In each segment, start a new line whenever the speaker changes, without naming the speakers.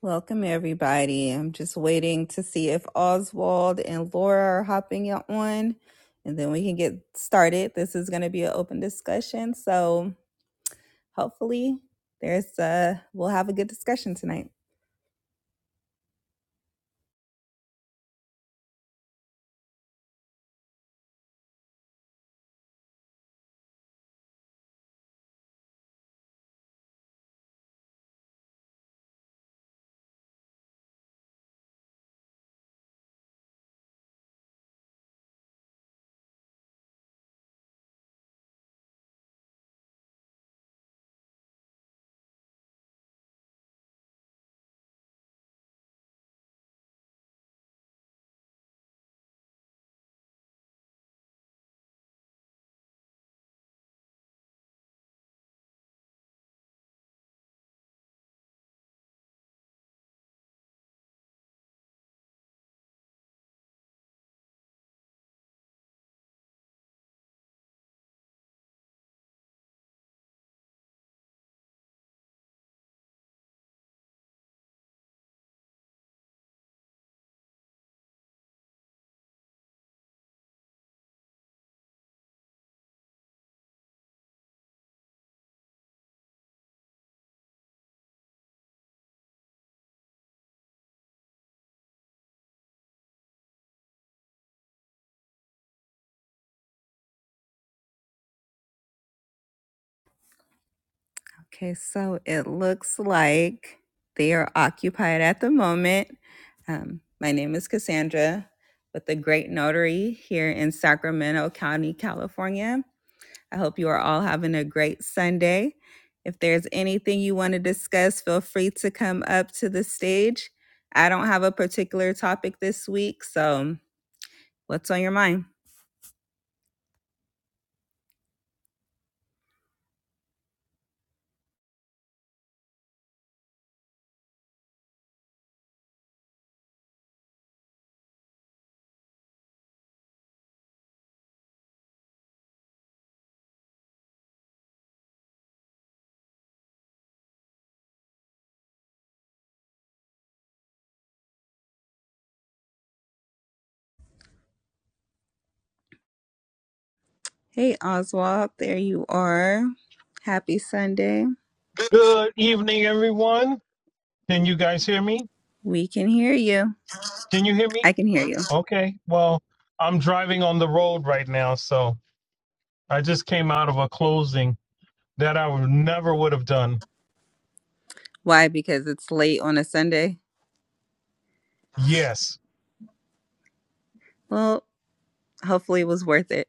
Welcome, everybody. I'm just waiting to see if Oswald and Laura are hopping on, and then we can get started. This is going to be an open discussion, so hopefully, there's a we'll have a good discussion tonight. Okay, so it looks like they are occupied at the moment. Um, my name is Cassandra with the Great Notary here in Sacramento County, California. I hope you are all having a great Sunday. If there's anything you want to discuss, feel free to come up to the stage. I don't have a particular topic this week, so what's on your mind? Hey, Oswald, there you are. Happy Sunday.
Good evening, everyone. Can you guys hear me?
We can hear you.
Can you hear me?
I can hear you.
Okay. Well, I'm driving on the road right now, so I just came out of a closing that I would never would have done.
Why? Because it's late on a Sunday.
Yes,
Well, hopefully it was worth it.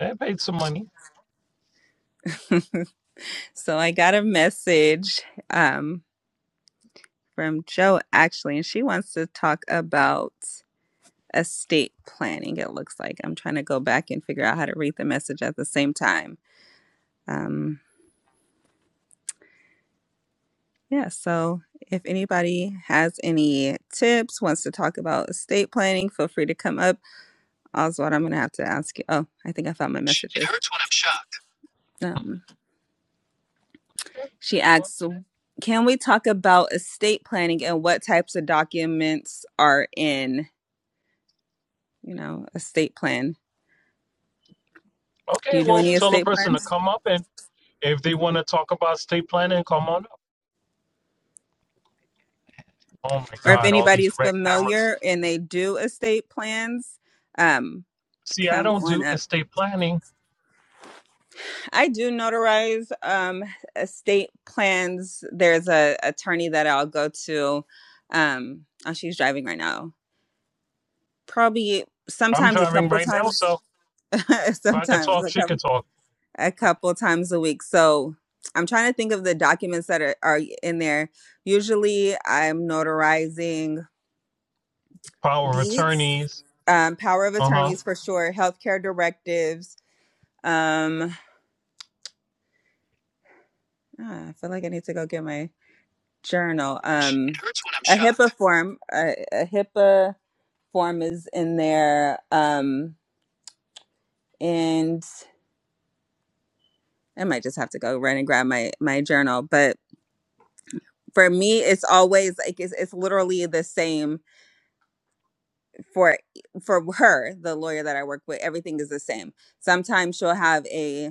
I paid some money.
So I got a message um, from Joe actually, and she wants to talk about estate planning, it looks like. I'm trying to go back and figure out how to read the message at the same time. Um, yeah, so if anybody has any tips, wants to talk about estate planning, feel free to come up. Oswald, I'm going to have to ask you. Oh, I think I found my messages. Um,
Okay.
she
Well,
asks, can we talk about estate planning and what types of documents are in, you know, estate plan? Do
okay,
you do
well,
any
tell the
estate
person to
plans?
come up, and if they want to talk about estate planning, come on up. Oh my
or if
God, all
anybody
these
is
red cameras.
familiar and they do estate plans, um,
See, I
come
don't
on
do
up.
estate planning.
I do notarize um, estate plans. There's a attorney that I'll go to. Um, oh, she's driving right now. Probably
I'm
sometimes a
driving
couple
right now,
times,
so if I could
sometimes
talk,
a
she could
couple
talk.
a couple times a week. So I'm trying to think of the documents that are, are in there. Usually, I'm notarizing
Power of
deeds,
attorneys.
um, power of
Uh huh.
attorneys for sure, healthcare directives. Um, ah, I feel like I need to go get my journal. Um, a HIPAA form, a, a HIPAA form is in there. Um, and I might just have to go run and grab my my journal, but. For me, it's always like it's, it's literally the same for for her, the lawyer that I work with. Everything is the same. Sometimes she'll have a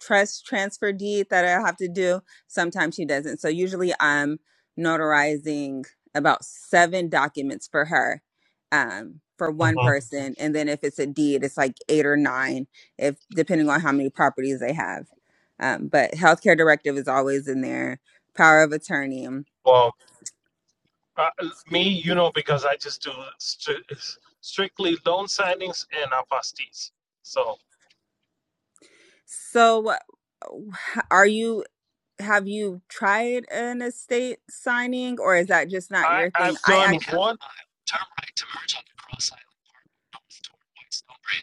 trust transfer deed that I have to do. Sometimes she doesn't. So usually I'm notarizing about seven documents for her, um, for
Uh
one
huh.
person. And then if it's a deed, it's like eight or nine, if depending on how many properties they have. Um, but healthcare directive is always in there. Power of attorney.
Well, Uh, me, you know, because I just do stri- strictly loan signings and apostees. So
So, are you? Have you tried an estate signing, or is that just not
I,
your thing?
I've
I
done It,
actually,
hurt- one.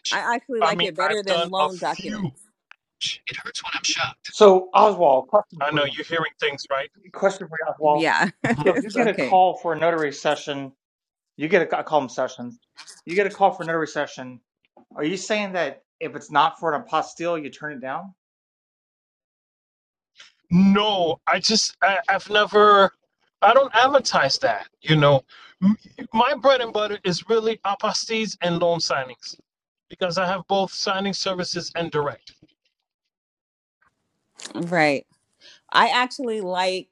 Much.
I actually
I
like
mean,
it better
I've done
than
a
loan documents.
few. it hurts when I'm shocked.
So Oswald, question
I
for
know
you.
you're hearing things, right?
Question for you, Oswald.
Yeah,
So
hmm
if you
it's
get a
okay.
call for a notary session, you get a I call them sessions. You get a call for a notary session. Are you saying that if it's not for an apostille, you turn it down?
No, I just I, I've never. I don't advertise that. You know, my bread and butter is really apostees and loan signings because I have both signing services and direct.
Right. I actually like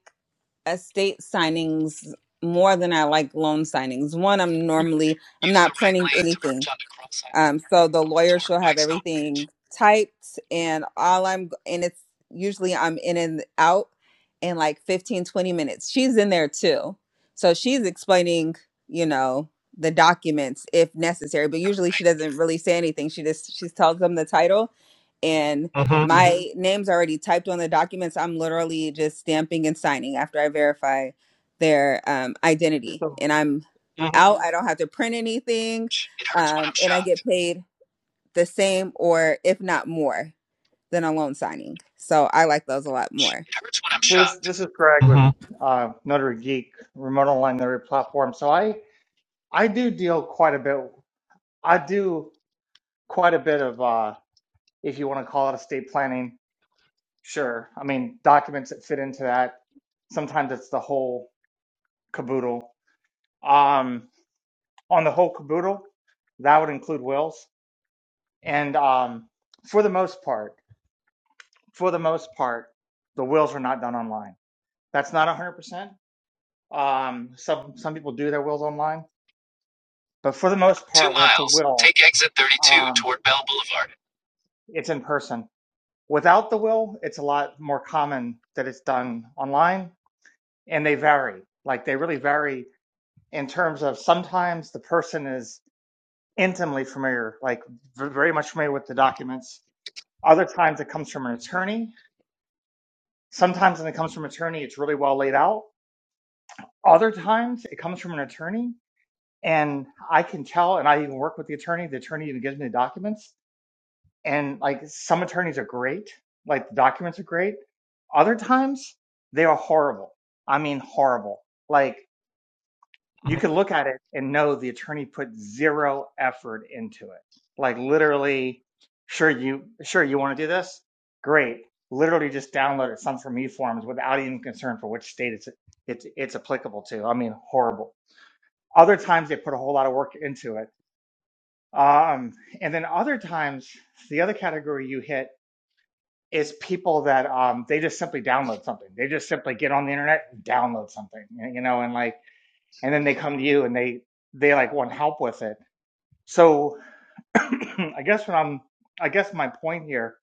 estate signings more than I like loan signings. One, I'm normally I'm
Use the
not
right
printing
lane to
anything.
merge onto Cross Island
Um, so
Parkway
the
north
lawyer
toward
shall have
Whitestone Bridge.
everything typed and all I'm and it's usually I'm in and out in like 15, 20 minutes. She's in there too. So she's explaining, you know, the documents if necessary, but usually she
Right.
doesn't really say anything. She just she tells them the title and
Mm-hmm.
my Mhm. name's already typed on the documents. I'm literally just stamping and signing after I verify their um, identity
So
and I'm
Mm-hmm.
out. I don't have to print anything
It hurts when
um,
I'm
and I get
shocked.
paid the same or if not more than a loan signing. So I like those a lot more.
It hurts when I'm
so this
shocked.
this is Greg with
Mm-hmm.
uh, Notary Geek, remote online notary platform. So I I do deal quite a bit. I do quite a bit of uh, if you want to call it estate planning. Sure, I mean documents that fit into that. Sometimes it's the whole caboodle um, on the whole caboodle. That would include wills. And um, for the most part, for the most part, the wills are not done online. That's not 100%. Um, some, some people do their wills online, but for the most
Two
part, when it's a
miles.
will,
Take exit 32
um,
toward Bell Boulevard.
it's in person. Without the will, it's a lot more common that it's done online and they vary. Like they really vary in terms of sometimes the person is intimately familiar, like v- very much familiar with the documents Other times it comes from an attorney. Sometimes when it comes from an attorney, it's really well laid out. Other times it comes from an attorney and I can tell and I even work with the attorney. The attorney even gives me the documents. And like some attorneys are great, like the documents are great. Other times they are horrible. I mean horrible. Like you could
Mm-hmm.
look at it and know the attorney put zero effort into it. Like literally, sure you sure you want to do this? Great. Literally just downloaded some from eForms without even concern for which state it's it's it's applicable to. I mean, horrible. Other times they put a whole lot of work into it. Um, and then other times the other category you hit is people that um, they just simply download something. They just simply get on the internet and download something, you know, and like and then they come to you and they they like want help with it so i guess what i'm i guess my point here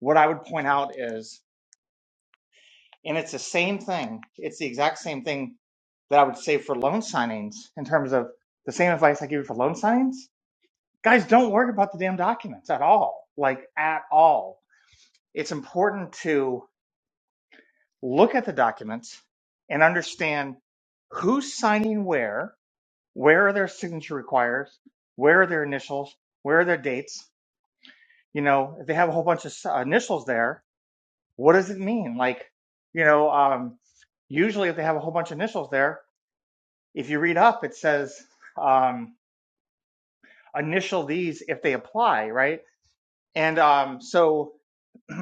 what i would point out is and it's the same thing it's the exact same thing that i would say for loan signings in terms of the same advice i give you for loan signings guys don't worry about the damn documents at all like at all it's important to look at the documents and understand who's signing where Where are their signature requires? Where are their initials? Where are their dates? You know, if they have a whole bunch of uh, initials there, what does it mean? Like, you know, um, usually if they have a whole bunch of initials there, if you read up, it says um, initial these if they apply, right? And um, so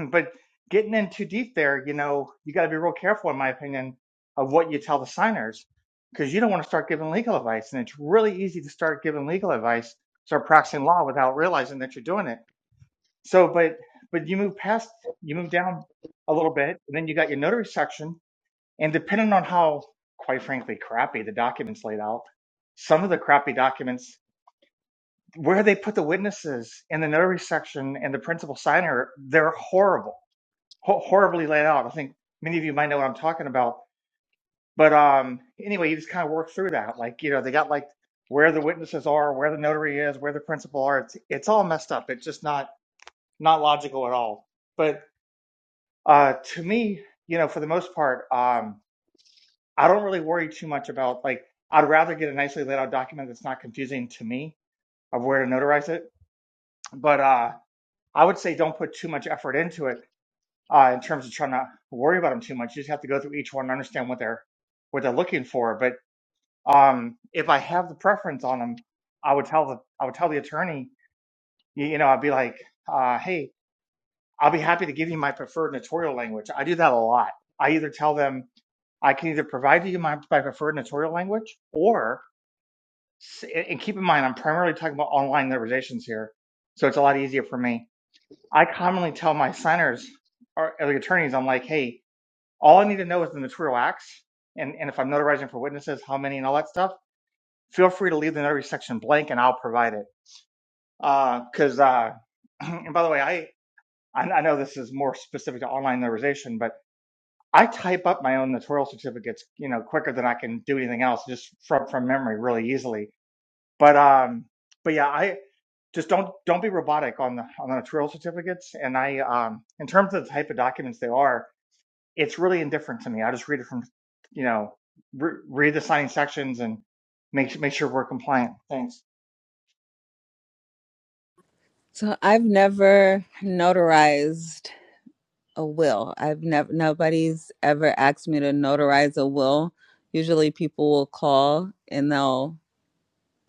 but getting in too deep there, you know, you got to be real careful, in my opinion, of what you tell the signers because you don't want to start giving legal advice. And it's really easy to start giving legal advice, start practicing law without realizing that you're doing it. So, but, but you move past, you move down a little bit, and then you got your notary section. And depending on how, quite frankly, crappy the documents laid out, some of the crappy documents, where they put the witnesses in the notary section and the principal signer, they're horrible ho- horribly laid out. I think many of you might know what I'm talking about. But um, anyway, you just kind of work through that. Like, you know, they got like where the witnesses are, where the notary is, where the principal are. It's it's all messed up. It's just not not logical at all. But uh, to me, you know, for the most part, um, I don't really worry too much about like. I'd rather get a nicely laid out document that's not confusing to me of where to notarize it. But uh, I would say don't put too much effort into it uh, in terms of trying to worry about them too much. You just have to go through each one and understand what they're what they're looking for. But um, if I have the preference on them, I would tell the I would tell the attorney. You, you know, I'd be like, uh, hey, I'll be happy to give you my preferred notarial language. I do that a lot. I either tell them I can either provide you my, my preferred notarial language, or and keep in mind I'm primarily talking about online notarizations here, so it's a lot easier for me. I commonly tell my signers or the attorneys, I'm like, hey, All I need to know is the notarial acts, and, and if I'm notarizing for witnesses, how many and all that stuff, feel free to leave the notary section blank and I'll provide it. Uh, cause, uh, and by the way, I, I I know this is more specific to online notarization, but I type up my own notarial certificates, you know, quicker than I can do anything else just from, from memory really easily. But, um, but yeah, I, just don't don't be robotic on the on the notarial certificates. And I um in terms of the type of documents they are, it's really indifferent to me. I just read it from, you know, re- read the signing sections and make make sure we're compliant. Thanks.
So I've never notarized a will. I've never nobody's ever asked me to notarize a will. Usually people will call and they'll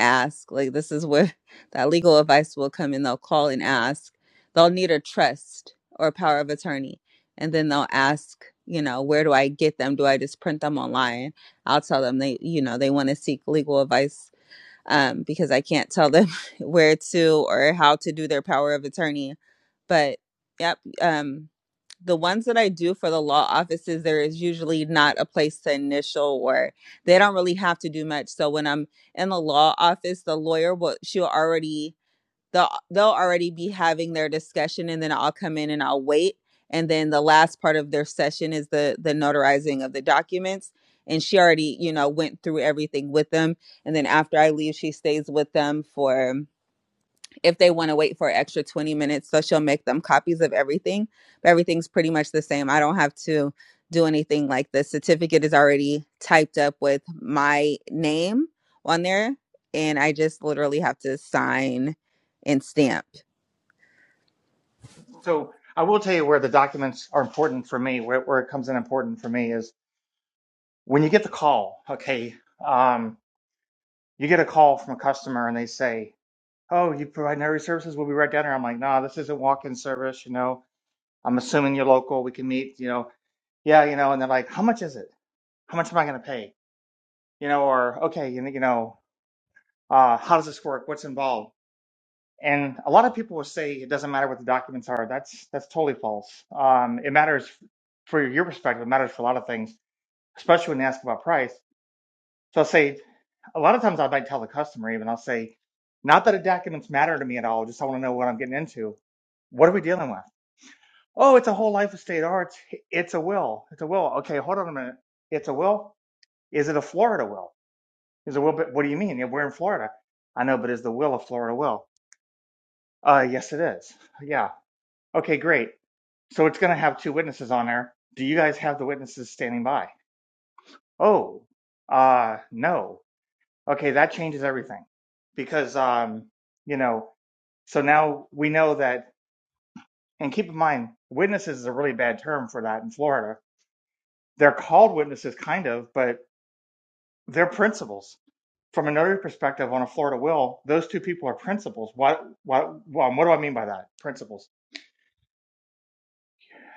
ask. Like this is where that legal advice will come in. They'll call and ask. They'll need a trust or a power of attorney. And then they'll ask, you know, where do I get them? Do I just print them online? I'll tell them they, you know, they want to seek legal advice um, because I can't tell them where to or how to do their power of attorney. But yep, um, the ones that I do for the law offices, there is usually not a place to initial or they don't really have to do much. So when I'm in the law office, the lawyer will she'll already they'll they'll already be having their discussion and then I'll come in and I'll wait. And then the last part of their session is the the notarizing of the documents. And she already, you know, went through everything with them. And then after I leave, she stays with them for if they want to wait for an extra 20 minutes so she'll make them copies of everything but everything's pretty much the same i don't have to do anything like the certificate is already typed up with my name on there and i just literally have to sign and stamp
So I will tell you where the documents are important for me. Where, where it comes in important for me is when you get the call. Okay, um, you get a call from a customer and they say, "Oh, you provide notary services? We'll be right down here." I'm like, "No, this isn't walk-in service. You know, I'm assuming you're local. We can meet. You know, yeah, you know." And they're like, "How much is it? How much am I going to pay?" You know, or okay, you know, you know, uh, how does this work? What's involved? And a lot of people will say it doesn't matter what the documents are. That's that's totally false. Um, it matters for your perspective. It matters for a lot of things, especially when they ask about price. So I'll say a lot of times I might tell the customer even I'll say, not that the documents matter to me at all. Just I want to know what I'm getting into. What are we dealing with? Oh, it's a whole life estate. Or it's it's a will. It's a will. Okay, hold on a minute. It's a will. Is it a Florida will? Is a will? But what do you mean? Yeah, we're in Florida. I know, but is the will a Florida will? Uh, yes, it is. Yeah Okay, great. So it's going to have two witnesses on there. Do you guys have the witnesses standing by? Oh, uh, no. Okay, that changes everything because, um, you know, so now we know that, and keep in mind, witnesses is a really bad term for that in Florida. They're called witnesses, kind of, but they're principals. From a notary perspective on a Florida will, those two people are principals. What, what, what, what do I mean by that? Principals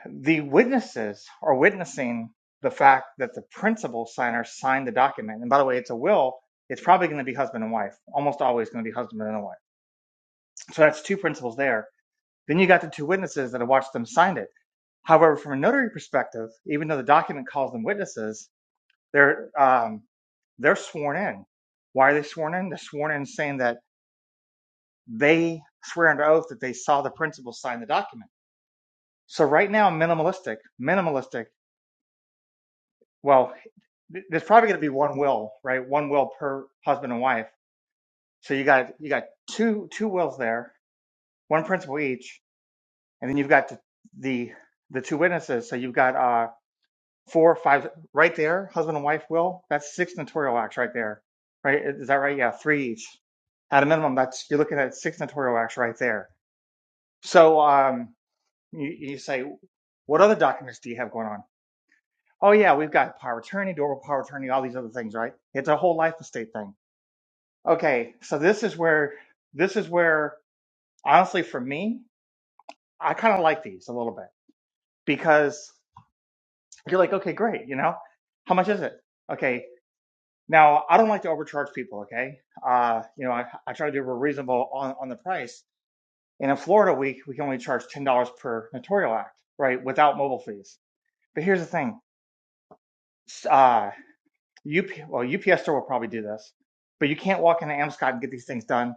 The witnesses are witnessing the fact that the principal signer signed the document. And by the way, it's a will. It's probably going to be husband and wife, almost always going to be husband and wife. So that's two principals there. Then you got the two witnesses that have watched them sign it. However, from a notary perspective, even though the document calls them witnesses, they're um, they're sworn in. Why are they sworn in? They're sworn in saying that they swear under oath that they saw the principal sign the document. So right now, minimalistic, minimalistic well there's probably going to be one will right one will per husband and wife so you got you got two two wills there one principal each and then you've got the the, the two witnesses so you've got uh four five right there husband and wife will that's six notarial acts right there right is that right yeah three each at a minimum that's you're looking at six notarial acts right there so um you, you say what other documents do you have going on oh yeah we've got power of attorney durable power of attorney all these other things right it's a whole life estate thing Okay, so this is where this is where honestly for me, I kind of like these a little bit because you're like, okay, great, you know, how much is it? Okay, now I don't like to overcharge people. Okay, uh, you know, I, I try to do a reasonable on on the price. And in Florida, we we can only charge ten dollars per notarial act, right, without mobile fees. But here's the thing, s- uh, UP well UPS store will probably do this, but you can't walk into Amscot and get these things done.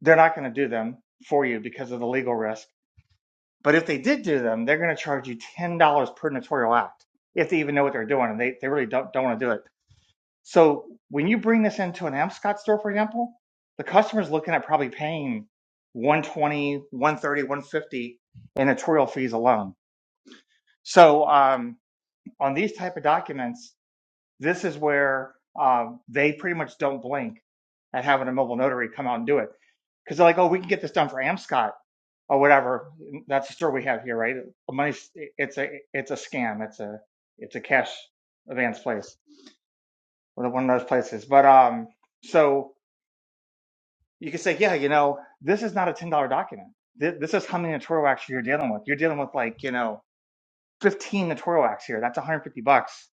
They're not going to do them for you because of the legal risk But if they did do them, they're going to charge you $10 per notarial act if they even know what they're doing and they, they really don't, don't want to do it. So when you bring this into an Amscot store, for example, the customer's looking at probably paying one twenty, one thirty, one fifty in notarial fees alone. So um, on these type of documents, this is where uh, they pretty much don't blink at having a mobile notary come out and do it because they're like, oh, we can get this done for Amscot or whatever. That's the store we have here, right? Money, it's a it's a scam. It's a it's a cash advance place, one of those places. But um, so you can say, yeah, you know, this is not a ten dollar document. This, this is how many notarial acts you're dealing with. You're dealing with like you know, fifteen notarial acts here. That's 150 bucks,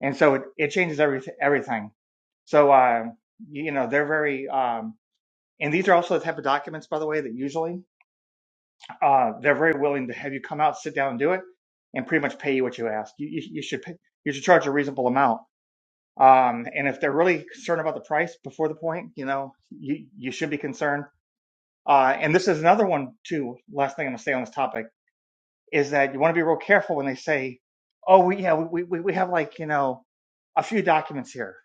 and so it, it changes every everything. So um, you know, they're very um, and these are also the type of documents, by the way, that usually uh, they're very willing to have you come out, sit down, and do it, and pretty much pay you what you ask. You, you, you should pay, you should charge a reasonable amount. Um, and if they're really concerned about the price before the point, you know, you you should be concerned. Uh, and this is another one too. Last thing I'm gonna say on this topic is that you want to be real careful when they say, "Oh, we, yeah, we, we we have like you know a few documents here.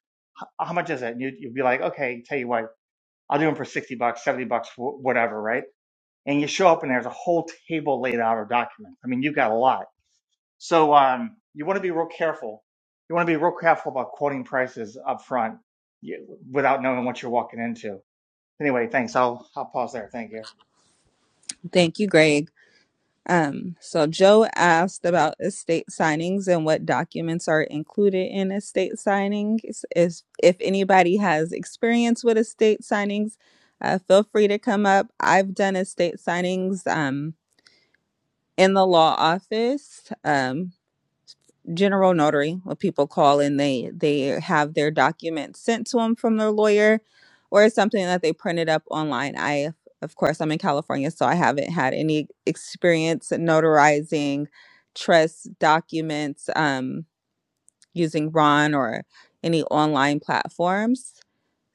How much is it?" And you you'd be like, "Okay, tell you what, I'll do them for sixty bucks, seventy bucks, wh- whatever, right?" and you show up and there's a whole table laid out of documents. I mean, you've got a lot. So um, you want to be real careful. You want to be real careful about quoting prices up front you, without knowing what you're walking into. Anyway, thanks. I'll I'll pause there. Thank you.
thank you greg Um, so Joe asked about estate signings and what documents are included in estate signings. Is if anybody has experience with estate signings, uh, feel free to come up. I've done estate signings um, in the law office. Um, general notary what people call and they they have their documents sent to them from their lawyer or it's something that they printed up online i of course i'm in california so i haven't had any experience notarizing trust documents um, using ron or any online platforms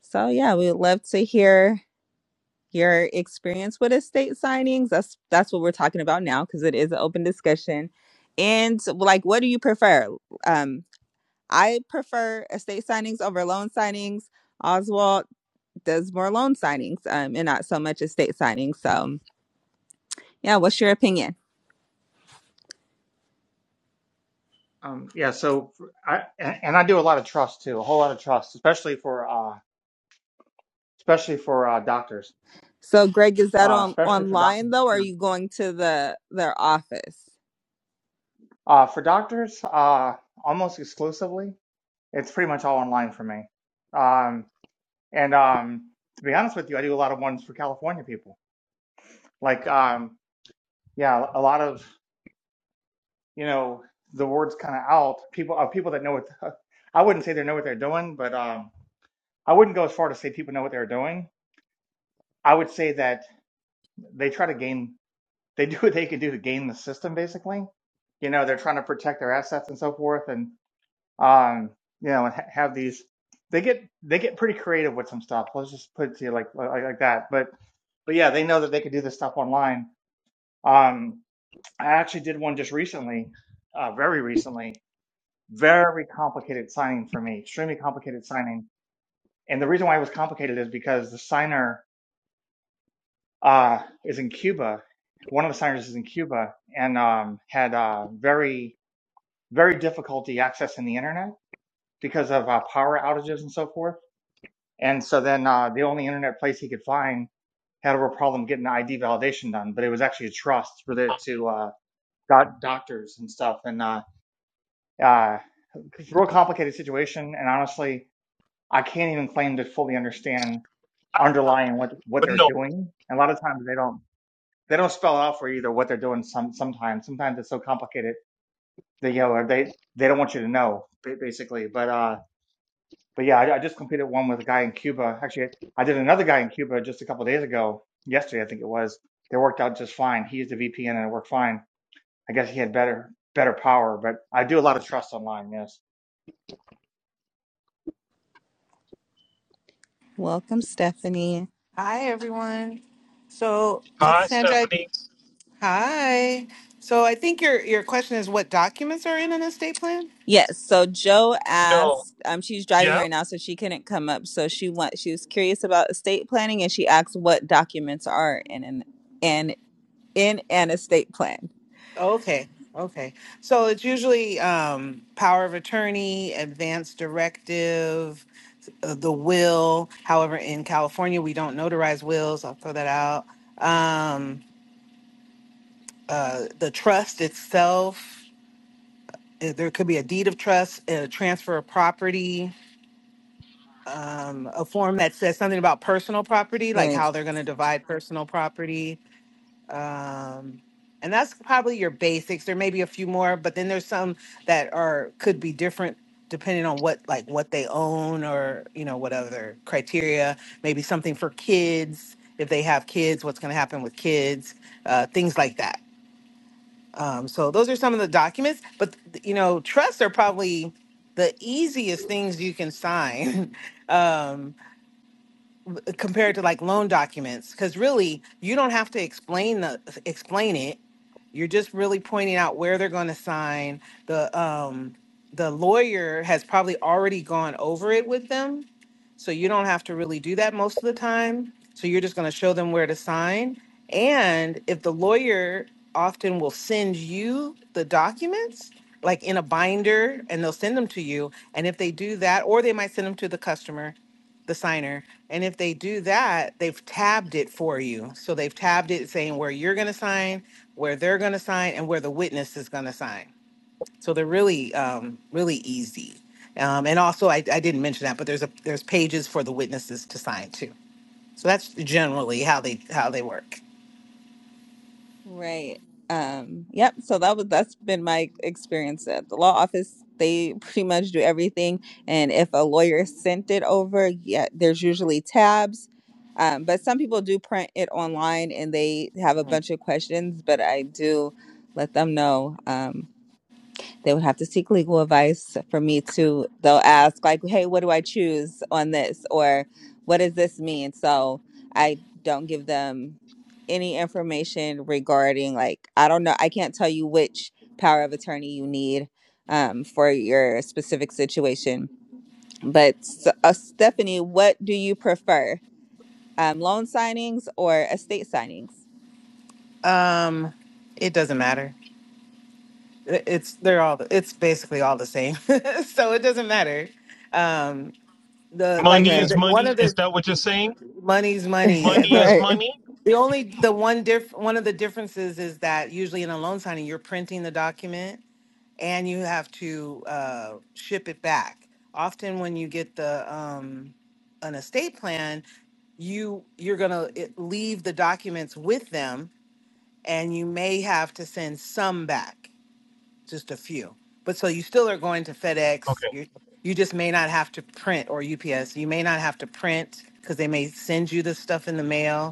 so yeah we would love to hear your experience with estate signings that's that's what we're talking about now because it is an open discussion and like what do you prefer um I prefer estate signings over loan signings. Oswald does more loan signings um, and not so much estate signings. So, yeah, what's your opinion?
Um, yeah. So I and and I do a lot of trust too, a whole lot of trust, especially for uh, especially for uh, doctors,
So, Greg, is that
uh,
on
especially for doctors.
online though, or are
Yeah.
you going to the their office?
Uh, for doctors, uh, almost exclusively, it's pretty much all online for me. Um, And um, to be honest with you, I do a lot of ones for California people. Like, um, yeah, a lot of you know the words kind of out. People of people that know what I wouldn't say they know what they're doing, but um, I wouldn't go as far to say people know what they're doing. I would say that they try to gain. They do what they can do to gain the system, basically. You know, they're trying to protect their assets and so forth, and um, you know, and ha- have these. They get they get pretty creative with some stuff. Let's just put it to you like like, like that. But but yeah, they know that they could do this stuff online Um, I actually did one just recently, uh, very recently, very complicated signing for me, extremely complicated signing. And the reason why it was complicated is because the signer uh, is in Cuba. One of the signers is in Cuba and um, had uh, very, very difficulty accessing the internet because of uh, power outages and so forth. And so then uh, the only internet place he could find had a real problem getting ID validation done, but it was actually a trust related to uh, doc- doctors and stuff. And uh, uh, it's a real complicated situation, and honestly, I can't even claim to fully understand underlying what what
But
they're
no.
doing. And a lot of times they don't they don't spell out for you either what they're doing. Some sometimes sometimes it's so complicated that you know or they they don't want you to know ba- basically. But uh, but yeah, I, I just completed one with a guy in Cuba. Actually, I did another guy in Cuba just a couple of days ago. Yesterday, I think it was. They worked out just fine. He used a VPN and it worked fine. I guess he had better better power, but I do a lot of trust online. Yes.
Welcome, Stephanie.
Hi, everyone. So,
Hi,
Cassandra,
Stephanie.
hi. So, I think your your question is what documents are in an estate plan?
Yes. So Joe
No.
asked. Um, she's driving
Yeah.
right now, so she couldn't come up. So she went. She was curious about estate planning, and she asked what documents are in an in in an estate plan.
Okay, okay. So it's usually um, power of attorney, advance directive, uh, the will. However, in California, we don't notarize wills. I'll throw that out. Um, uh, the trust itself. uh, There could be a deed of trust, a transfer of property um, a form that says something about personal property, like
Right.
how they're going to divide personal property. Um, and that's probably your basics. There may be a few more, but then there's some that are could be different depending on what like what they own or you know what other criteria. Maybe something for kids if they have kids, what's going to happen with kids, uh, things like that. Um, so those are some of the documents, but you know trusts are probably the easiest things you can sign. um, compared to like loan documents because really you don't have to explain the explain it you're just really pointing out where they're going to sign the um the lawyer has probably already gone over it with them so you don't have to really do that most of the time so you're just going to show them where to sign and if the lawyer often will send you the documents like in a binder and they'll send them to you and if they do that or they might send them to the customer the signer. And if they do that, they've tabbed it for you. So they've tabbed it saying where you're going to sign, where they're going to sign, and where the witness is going to sign. So they're really, um, really easy. Um, and also, I, I didn't mention that, but there's a there's pages for the witnesses to sign too. So that's generally how they how they work.
Right. Um, yep. So that was that's been my experience at the law office. They pretty much do everything. And if a lawyer sent it over, yeah, there's usually tabs. Um, but some people do print it online and they have a bunch of questions, but I do let them know. Um, They would have to seek legal advice for me to, they'll ask, like, hey, what do I choose on this? Or what does this mean? So I don't give them any information regarding, like, I don't know, I can't tell you which power of attorney you need um, for your specific situation. But uh, Stephanie, what do you prefer, um, loan signings or estate signings?
Um, it doesn't matter. I- It's they're all it's basically all the same, so it doesn't matter. Um, the like I
Money
said,
is
Right,
the, one
money.
of
Is
the
that what you're saying?
money's money.
Money
The
is
right,
money?
The only the one diff one of the differences is that usually in a loan signing you're printing the document and you have to uh, ship it back. Often when you get the um, an estate plan, you you're gonna it, leave the documents with them and you may have to send some back, just a few. But so you still are going to FedEx.
Okay.
You you just may not have to print or UPS. You may not have to print because they may send you the stuff in the mail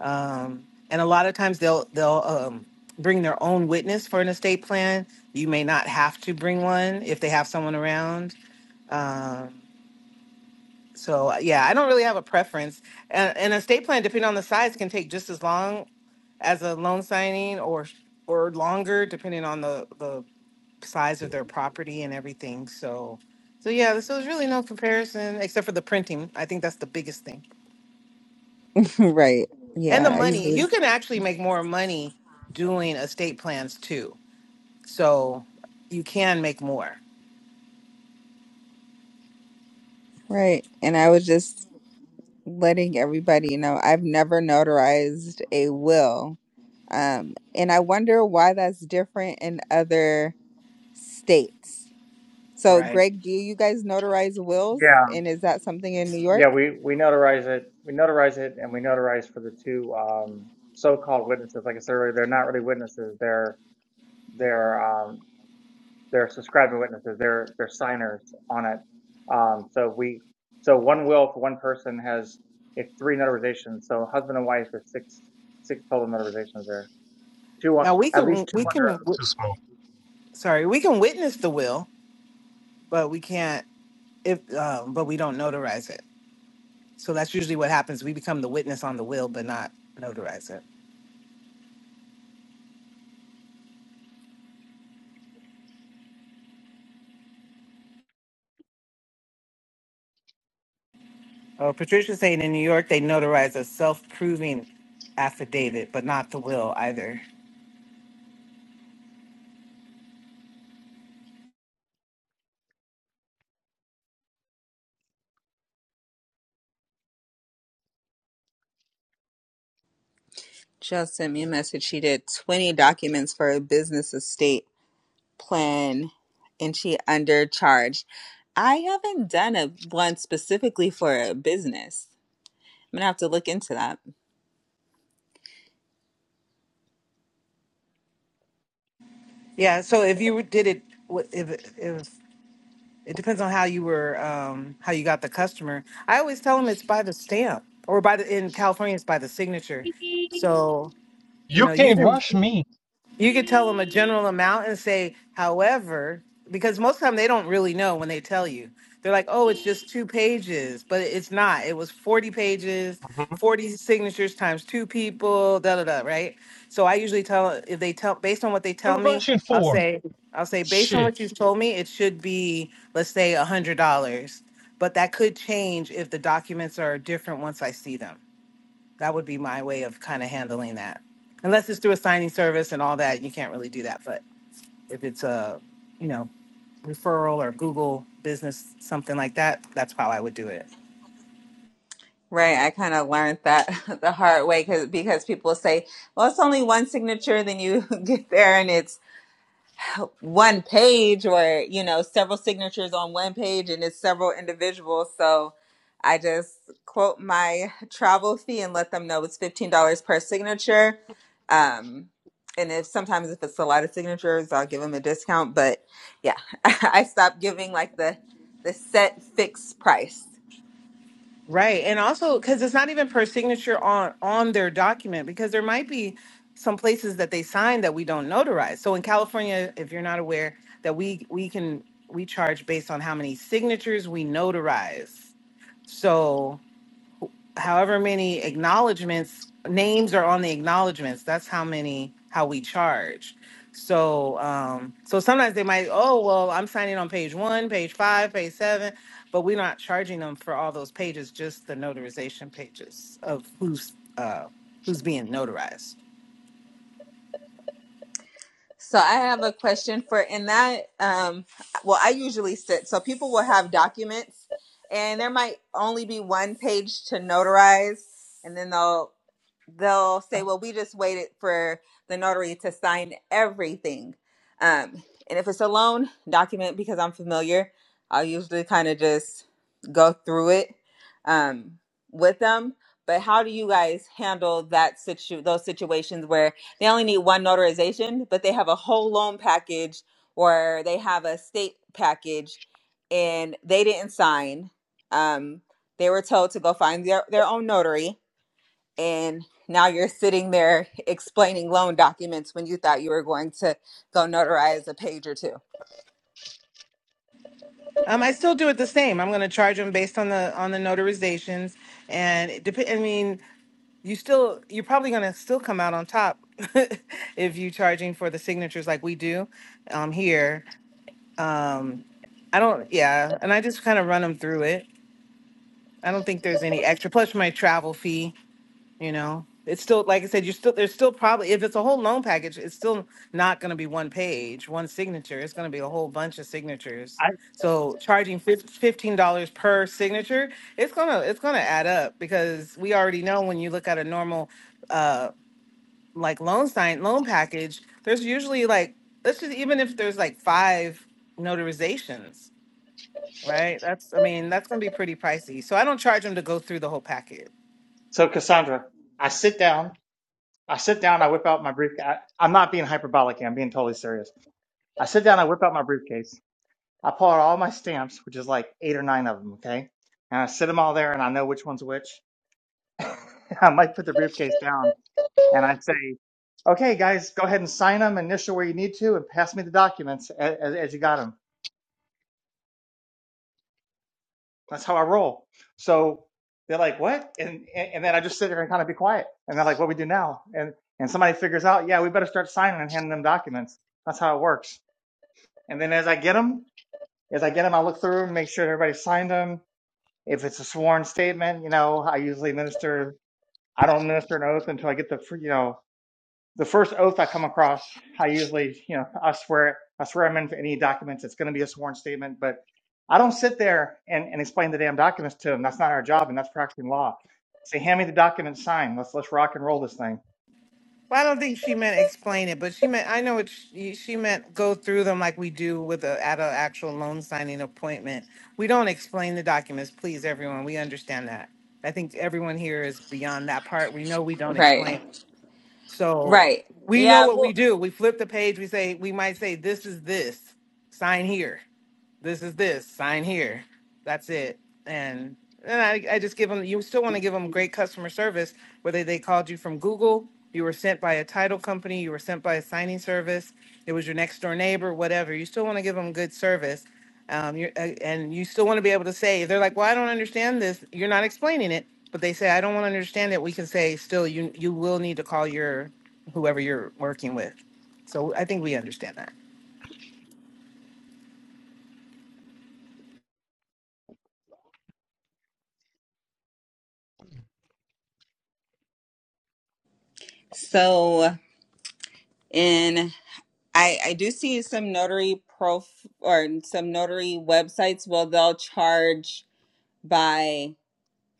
um, and a lot of times they'll they'll um, bring their own witness for an estate plan. You may not have to bring one if they have someone around. Um, so yeah, I don't really have a preference. And an estate plan, depending on the size, can take just as long as a loan signing or or longer, depending on the the size of their property and everything. So so yeah, so there's really no comparison except for the printing. I think that's the biggest thing.
right.
and the
Yeah, I
money
usually
you can actually make more money doing estate plans too so you can make more
right. And I would just letting everybody know I've never notarized a will. Um, and I wonder why that's different in other states. So,
right
Greg, do you guys notarize wills?
Yeah.
And is that something in New York?
Yeah, we we notarize it. We notarize it, and we notarize for the two um, so-called witnesses. Like I said earlier, they're not really witnesses. They're they're um, they're subscribing witnesses. They're they're signers on it. Um, so we so one will for one person has it's three notarizations. So husband and wife is six six total notarizations there. Two on
now we
at least
can
two
we
Mm,
can
under.
Too small.
sorry we can witness the will but we can't if um, but we don't notarize it so that's usually what happens we become the witness on the will but not notarize it oh patricia's saying in new york they notarize a self-proving affidavit but not the will either
Jill sent me a message. She did 20 documents for a business estate plan and she undercharged. I haven't done a one specifically for a business. I'm gonna have to look into that.
yeah so if you did it if, if It depends on how you were, um, how you got the customer. I always tell them it's by the stamp or by the in California it's by the signature. So you
You
know you
can't
can.
rush me.
You could tell them a general amount and say, however, because most of the time they don't really know when they tell you. They're like, oh, it's just two pages, but it's not. It was 40 pages, 40 signatures times two people, da da da, right? So I usually tell if they tell based on what they
What are
tell
you
me,
rushing
I'll
for?
say, I'll say, based on
Shit.
what you've told me, it should be, let's say, a hundred dollars. But that could change if the documents are different once I see them. That would be my way of kind of handling that. Unless it's through a signing service and all that, you can't really do that. But if it's a, you know, referral or Google business, something like that, that's how I would do it.
Right, I kind of learned that the hard way cause, because people say, "Well, it's only one signature." Then you get there and it's one page, or you know, several signatures on one page, and it's several individuals. So I just quote my travel fee and let them know it's fifteen dollars per signature. Um, and if sometimes if it's a lot of signatures, I'll give them a discount. But yeah, I stopped giving like the the set fixed price.
Right. And also because it's not even per signature on on their document because there might be some places that they sign that we don't notarize. So in California, if you're not aware, that we we can we charge based on how many signatures we notarize. So however many acknowledgments names are on the acknowledgments that's how many how we charge so um so sometimes they might oh well i'm signing on page one page five page seven but we're not charging them for all those pages just the notarization pages of who's uh who's being notarized
So I have a question for in that um well I usually sit so people will have documents and there might only be one page to notarize and then they'll they'll say, well, we just waited for the notary to sign everything. Um, and if it's a loan document, because I'm familiar, I'll usually kind of just go through it um, with them. But how do you guys handle that situ- those situations where they only need one notarization, but they have a whole loan package or they have a state package and they didn't sign? Um, they were told to go find their, their own notary and now you're sitting there explaining loan documents when you thought you were going to go notarize a page or two.
Um, I still do it the same. I'm going to charge them based on the on the notarizations, and it dep- I mean, you still you're probably going to still come out on top if you charging for the signatures like we do um, here. Um, I don't, yeah, and I just kind of run them through it. I don't think there's any extra. Plus my travel fee. You know, it's still like I said, you're still there's still probably if it's a whole loan package, it's still not going to be one page, one signature. It's going to be a whole bunch of signatures.
I
So charging fif- fifteen dollars per signature, it's gonna it's gonna add up because we already know when you look at a normal, uh, like loan sign loan package, there's usually like let's just even if there's like five notarizations, right? That's I mean that's gonna be pretty pricey. So I don't charge them to go through the whole package.
so Cassandra, I sit down. I sit down. I whip out my briefcase. I, I'm not being hyperbolic. here, I'm being totally serious. I sit down. I whip out my briefcase. I pull out all my stamps, which is like eight or nine of them, okay? And I sit them all there and I know which one's which. I might put the briefcase down and I say, okay, guys, go ahead and sign them, initial where you need to, and pass me the documents as, as, as you got them. That's how I roll. So they're like, what? And, and and then I just sit there and kind of be quiet. And they're like, what we do now? And and somebody figures out, yeah, we better start signing and handing them documents. That's how it works. And then as I get them, as I get them, I look through and make sure everybody signed them. If it's a sworn statement, you know, I usually minister. I don't minister an oath until I get the, fir- you know, the first oath I come across. I usually, you know, I swear, it- I swear I'm in for any documents. It's going to be a sworn statement, but I don't sit there and, and explain the damn documents to them. That's not our job, and that's practicing law. Say, hand me the document, sign. Let's let's rock and roll this thing.
Well, I don't think she meant explain it, but she meant I know what she, she meant go through them like we do with a at an actual loan signing appointment. We don't explain the documents, please, everyone. We understand that. I think everyone here is beyond that part. We know we don't explain.
Right.
So
Right.
we know
Yeah.
what we
Well,
do. We flip the page. We say we might say this is this. Sign here this is this sign here that's it and and I, I just give them you still want to give them great customer service whether they called you from google you were sent by a title company you were sent by a signing service it was your next door neighbor whatever you still want to give them good service um, you're, uh, and you still want to be able to say they're like well i don't understand this you're not explaining it but they say i don't want to understand it we can say still you you will need to call your whoever you're working with so i think we understand that
so in I I do see some notary prof or some notary websites. Well, they'll charge by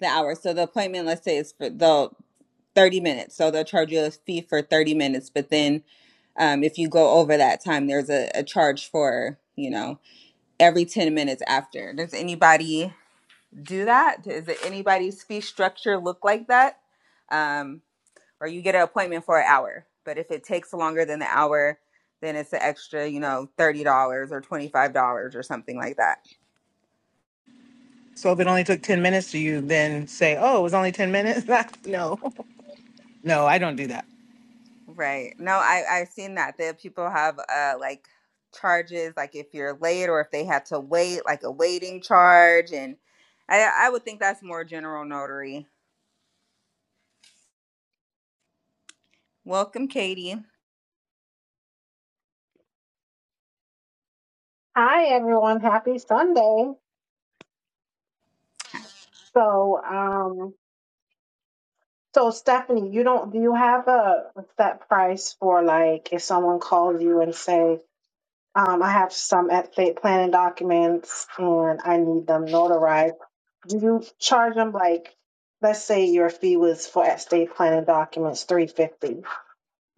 the hour. So the appointment, let's say, is for the thirty minutes. So they'll charge you a fee for thirty minutes. But then, um, if you go over that time, there's a, a charge for you know. every 10 minutes after. Does anybody do that? Does it- anybody's fee structure look like that? Um, or you get an appointment for an hour, but if it takes longer than the hour, then it's an extra, you know, $30 or $25 or something like that.
So if it only took 10 minutes, do you then say, oh, it was only 10 minutes? no, no, I don't do that.
Right. No, I, I've seen that. That people have uh, like charges, like if you're late or if they had to wait, like a waiting charge. And I, I would think that's more general notary. Welcome, Katie.
Hi everyone, happy Sunday. So, um, so Stephanie, you don't, do you have a set price for like if someone calls you and say, um, I have some estate planning documents and I need them notarized. Do you charge them like, let's say your fee was for estate planning documents, 350.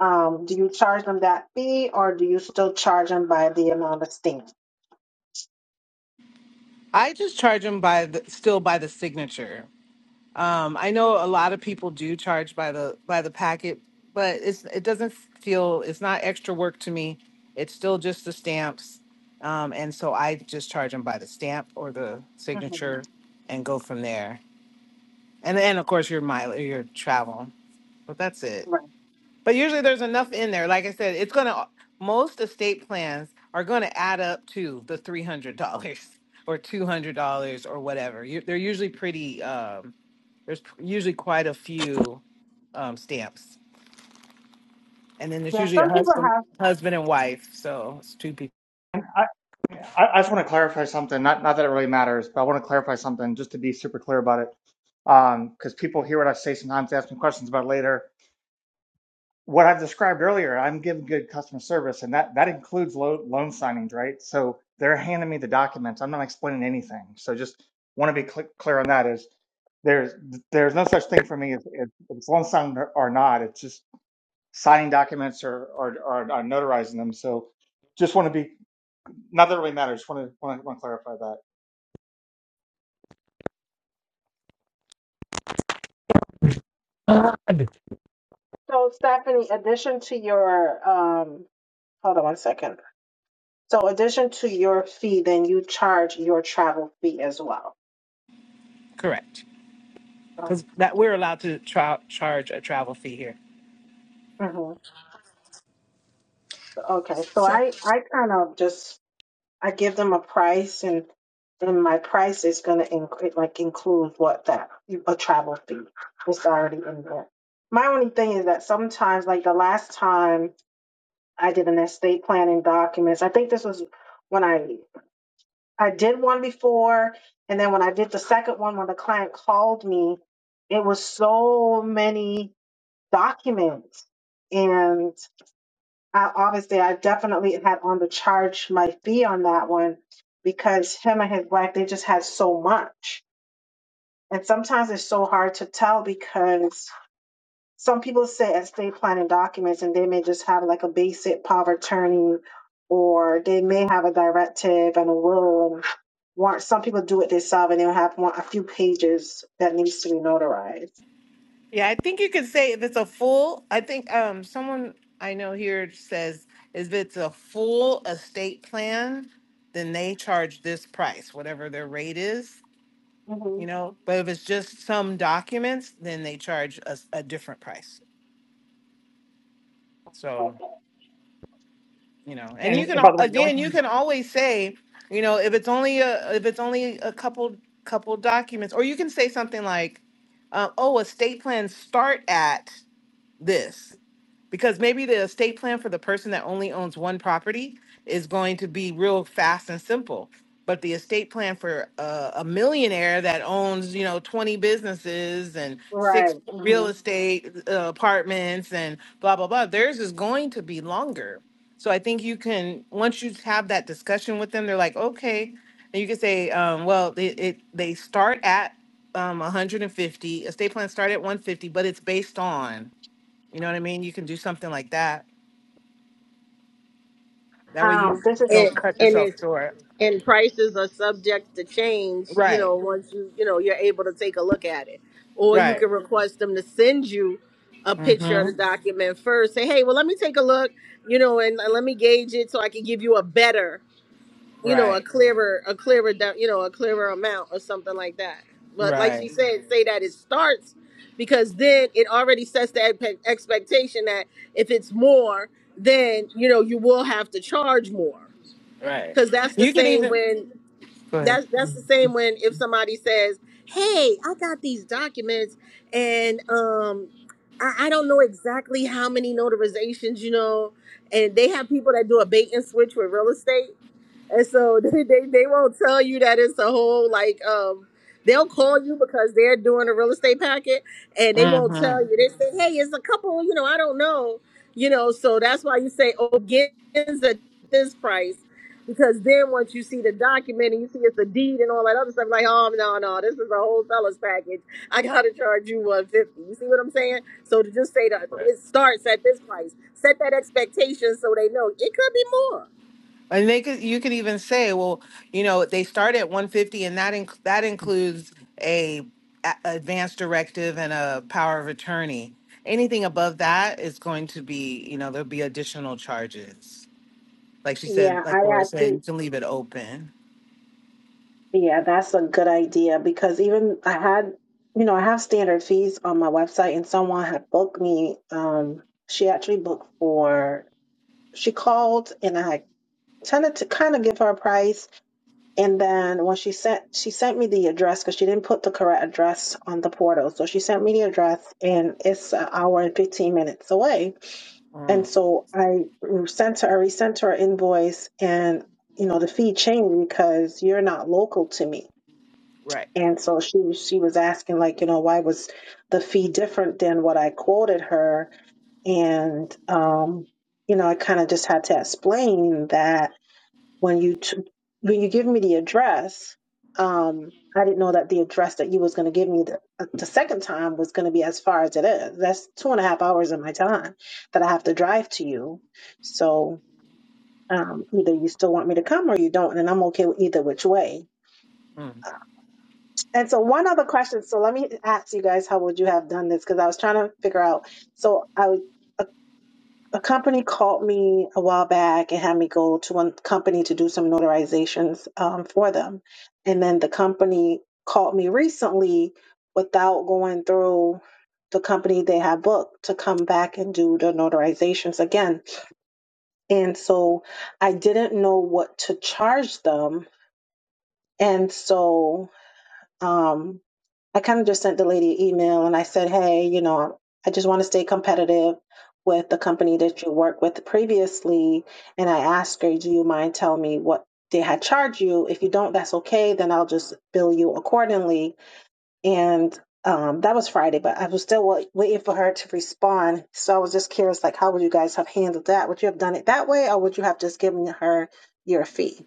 Um, do you charge them that fee or do you still charge them by the amount of stamp?
I just charge them by the, still by the signature. Um, I know a lot of people do charge by the by the packet, but it's it doesn't feel it's not extra work to me. It's still just the stamps, um, and so I just charge them by the stamp or the
Mhm.
signature, and go from there. And then of course your mile your travel, but that's it.
Right.
But usually there's enough in there. Like I said, it's gonna most estate plans are gonna add up to the three hundred dollars or two hundred dollars or whatever. You, they're usually pretty. Um, there's usually quite a few um, stamps, and then there's
Yeah,
usually a
some people
husband,
have.
husband and wife. So it's two people.
I, I, I just want to clarify something. Not not that it really matters, but I want to clarify something just to be super clear about it. Um, because people hear what I say sometimes, they ask me questions about it later. what I've described earlier, I'm giving good customer service, and that that includes lo- loan signings, right? So they're handing me the documents. I'm not explaining anything. So just want to be cl- clear on that is there's there's no such thing for me as, as, as loan signing or not. It's just signing documents or or, or, or notarizing them. So just want to be not that it really matters. Just want to want to, want to clarify that.
So, Stephanie, addition to your um, hold on one second. So, addition to your fee, then you charge your travel fee as well.
Correct, because that we're allowed to tra- charge a travel fee here.
hmm Okay. So
So,
I I kind of just I give them a price, and and my price is gonna include like include what that a travel fee is already in there. My only thing is that sometimes, like the last time I did an estate planning documents, I think this was when I I did one before, and then when I did the second one, when the client called me, it was so many documents, and. I obviously I definitely had on the charge my fee on that one because him and his wife they just had so much. And sometimes it's so hard to tell because some people sit and estate planning documents and they may just have like a basic power of attorney or they may have a directive and a will and warrant some people do it themselves and they'll have one, a few pages that needs to be notarized.
Yeah, I think you could say if it's a full, I think um someone I know here says if it's a full estate plan, then they charge this price, whatever their rate is,
hmm
you know. But if it's just some documents, then they charge us a, different price. So,
Okay.
you know, and you
And
can
and by
al-
the way, the only
again, you
thing.
can always say, you know, if it's only a if it's only a couple couple documents, or you can say something like, uh, oh, estate plans start at this because maybe the estate plan for the person that only owns one property is going to be real fast and simple but the estate plan for uh, a millionaire that owns you know 20 businesses and
Right.
six real
hmm
estate uh, apartments and blah blah blah theirs is going to be longer so i think you can once you have that discussion with them they're like okay and you can say um, well it, it, they start at um, 150 estate plans start at 150 but it's based on you know what I mean? You can do something like that. That way
Um,
you
this is
don't
and
cut
and
yourself
it's
short.
and prices are subject to change you
Right.
know once you you know you're able to take a look at it or you
Right.
can request them to send you a picture of
Mm-hmm.
the document first say hey well let me take a look you know and let me gauge it so i can give you a better you know a
Right.
clearer a clearer do- you know a clearer amount or something like that but like she
Right.
said say that it starts because then it already sets the epe- expectation that if it's more then you know you will have to charge more
Right.
Cause that's the
You can
same
even
when
go ahead.
that's that's the same when if somebody says, "Hey, I got these documents, and um, I, I don't know exactly how many notarizations, you know," and they have people that do a bait and switch with real estate. And so they, they they won't tell you that it's a whole like um they'll call you because they're doing a real estate packet and they won't
Mm-hmm.
tell you. They say, Hey, it's a couple, you know, I don't know. You know, so that's why you say oh Ogins at this price. Because then once you see the document and you see it's a deed and all that other stuff, like, oh no, no, this is a whole seller's package. I gotta charge you one fifty. You see what I'm saying? So to just say that
Right.
it starts at this price, set that expectation so they know it could be more.
And they could you could even say, well, you know, they start at 150 and that inc- that includes a, a advance directive and a power of attorney. Anything above that is going to be, you know, there'll be additional charges. Like she said,
yeah, I
like Laura
I
said, you can leave it open.
Yeah, that's a good idea because even I had, you know, I have standard fees on my website, and someone had booked me. Um, she actually booked for, she called and I tended to kind of give her a price. And then when she sent, she sent me the address because she didn't put the correct address on the portal. So she sent me the address and it's an hour and 15 minutes away. And
Mm,
so I sent her, I resent her an invoice and, you know, the fee changed because you're not local to me.
right.
And so she was she was asking like, you know, why was the fee different than what I quoted her? And um, you know, I kind of just had to explain that when you t- when you give me the address, um, I didn't know that the address that you was going to give me the, uh, the second time was going to be as far as it is. That's two and a half hours of my time that I have to drive to you. So um, either you still want me to come or you don't, and I'm okay with either which way.
Mm.
And so one other question. So let me ask you guys, how would you have done this? Because I was trying to figure out. So I was- a, a company called me a while back and had me go to one company to do some notarizations um, for them, and then the company called me recently without going through the company they had booked to come back and do the notarizations again. And so I didn't know what to charge them. And so um, I kind of just sent the lady an email and I said, hey, you know, I just want to stay competitive with the company that you worked with previously. And I asked her, do you mind telling me what they had charged you? If you don't, that's okay. Then I'll just bill you accordingly. And um, that was Friday, but I was still waiting for her to respond. So I was just curious, like, how would you guys have handled that? Would you have done it that way, or would you have just given her your fee?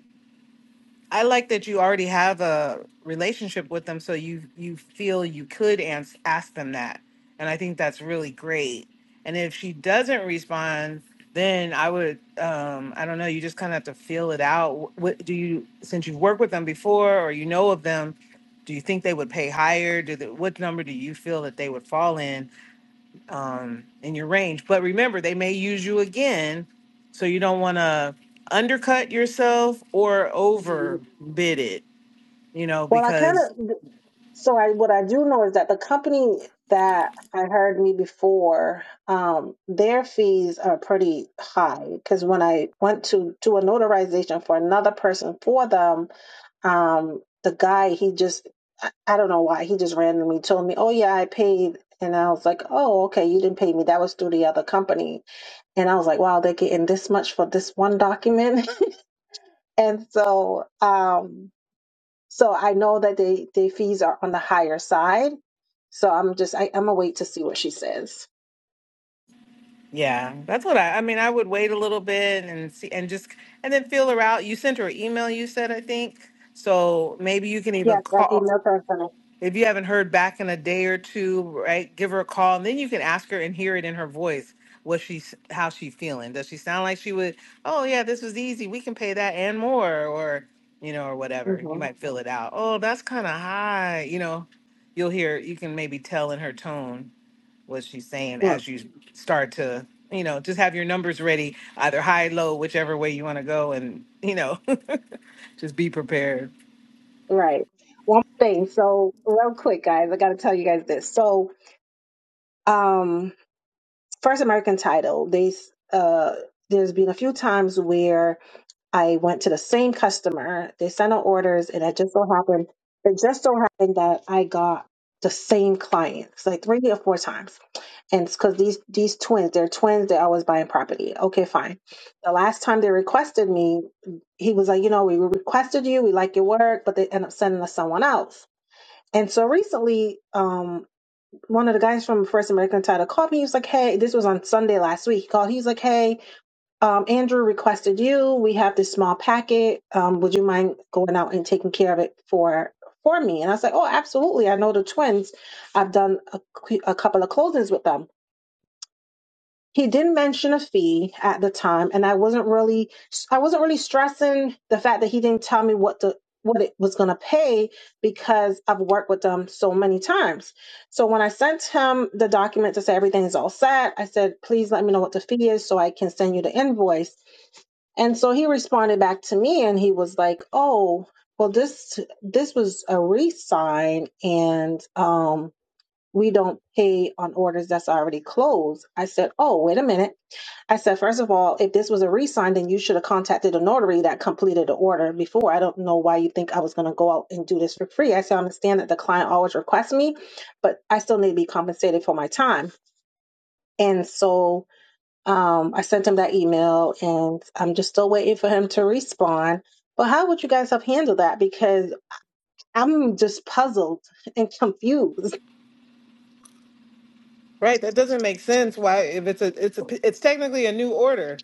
I like that you already have a relationship with them, so you you feel you could ans- ask them that, and I think that's really great. And if she doesn't respond, then I would um, I don't know. You just kind of have to feel it out. What do you since you've worked with them before or you know of them? Do you think they would pay higher? Do they, what number do you feel that they would fall in? um, in your range. But remember, they may use you again, so you don't want to undercut yourself or overbid it. You know,
Well, I
because
kind of, So I what I do know is that the company that I heard me before, um, their fees are pretty high because when I went to do a notarization for another person for them, um, the guy he just I I don't know why he just randomly told me, "Oh yeah, I paid," and I was like, "Oh okay, you didn't pay me. That was through the other company." And I was like, "Wow, they're getting this much for this one document." and so um so I know that they they fees are on the higher side. So I'm just I, I'm gonna wait to see what she says.
yeah, that's what I. I mean, I would wait a little bit and see, and just and then feel her out. You sent her an email. You said I think so. Maybe you can even
Yes, I've
call.
emailed her.
If you haven't heard back in a day or two, right, give her a call, and then you can ask her and hear it in her voice what she's how she feeling. Does she sound like she would? Oh yeah, this was easy. We can pay that and more, or you know, or whatever. You might
Mm-hmm.
fill it out. Oh, that's kind of high. You know, you'll hear. You can maybe tell in her tone what she's saying as you start to. You know, just have your numbers ready, either high, low, whichever way you want to go, and you know, just be prepared.
Right. One thing. So real quick, guys, I gotta tell you guys this. So um, first American title. They uh, there's been a few times where I went to the same customer. They sent out orders, and it just so happened, it just so happened that I got the same client. It's like three or four times, and it's because these these twins, they're twins. They're always buying property. Okay, fine. The last time they requested me, he was like, you know, we requested you. We like your work, but they end up sending us someone else. And so recently, um, one of the guys from First American Title called me. He was like, "Hey, this was on Sunday last week." He called. He's like, "Hey." Um, Andrew requested you. We have this small packet. Um, would you mind going out and taking care of it for for me? And I was like, oh, absolutely. I know the twins. I've done a, qu- a couple of closings with them. He didn't mention a fee at the time, and I wasn't really I wasn't really stressing the fact that he didn't tell me what the what it was going to pay because I've worked with them so many times. So when I sent him the document to say everything is all set, I said, please let me know what the fee is so I can send you the invoice and so he responded back to me and he was like, "Oh, well this this was a re-sign and um we don't pay on orders that's already closed." I said, "Oh, wait a minute." I said, first of all, if this was a re-sign, then you should have contacted a notary that completed the order before. I don't know why you think I was going to go out and do this for free." I said, "I understand that the client always requests me, but I still need to be compensated for my time." And so um, I sent him that email and I'm just still waiting for him to respond. But how would you guys have handled that? Because I'm just puzzled and confused.
Right, that doesn't make sense. Why, if it's a, it's a, it's technically a new order,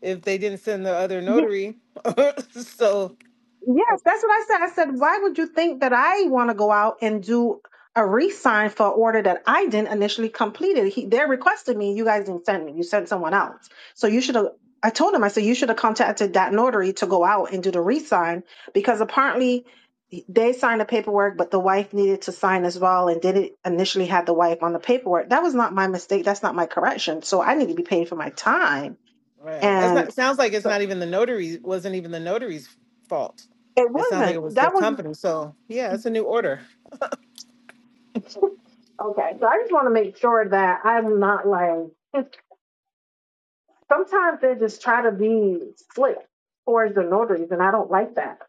if they didn't send the other notary. so,
Yes, that's what I said. I said, why would you think that I want to go out and do a re-sign for an order that I didn't initially completed? He, they requested me. You guys didn't send me. You sent someone else. So you should have. I told him. I said you should have contacted that notary to go out and do the re-sign because apparently they signed the paperwork, but the wife needed to sign as well and didn't initially have the wife on the paperwork. That was not my mistake. That's not my correction. So I need to be paid for my time.
right, that's not.
And
Sounds like it's
so
not even the notary. Wasn't even the notary's fault.
it
It sounds like
wasn't.
it was the
That was
company. So, yeah, it's a new order.
Okay, so I just want to make sure that I'm not like sometimes they just try to be slick for that,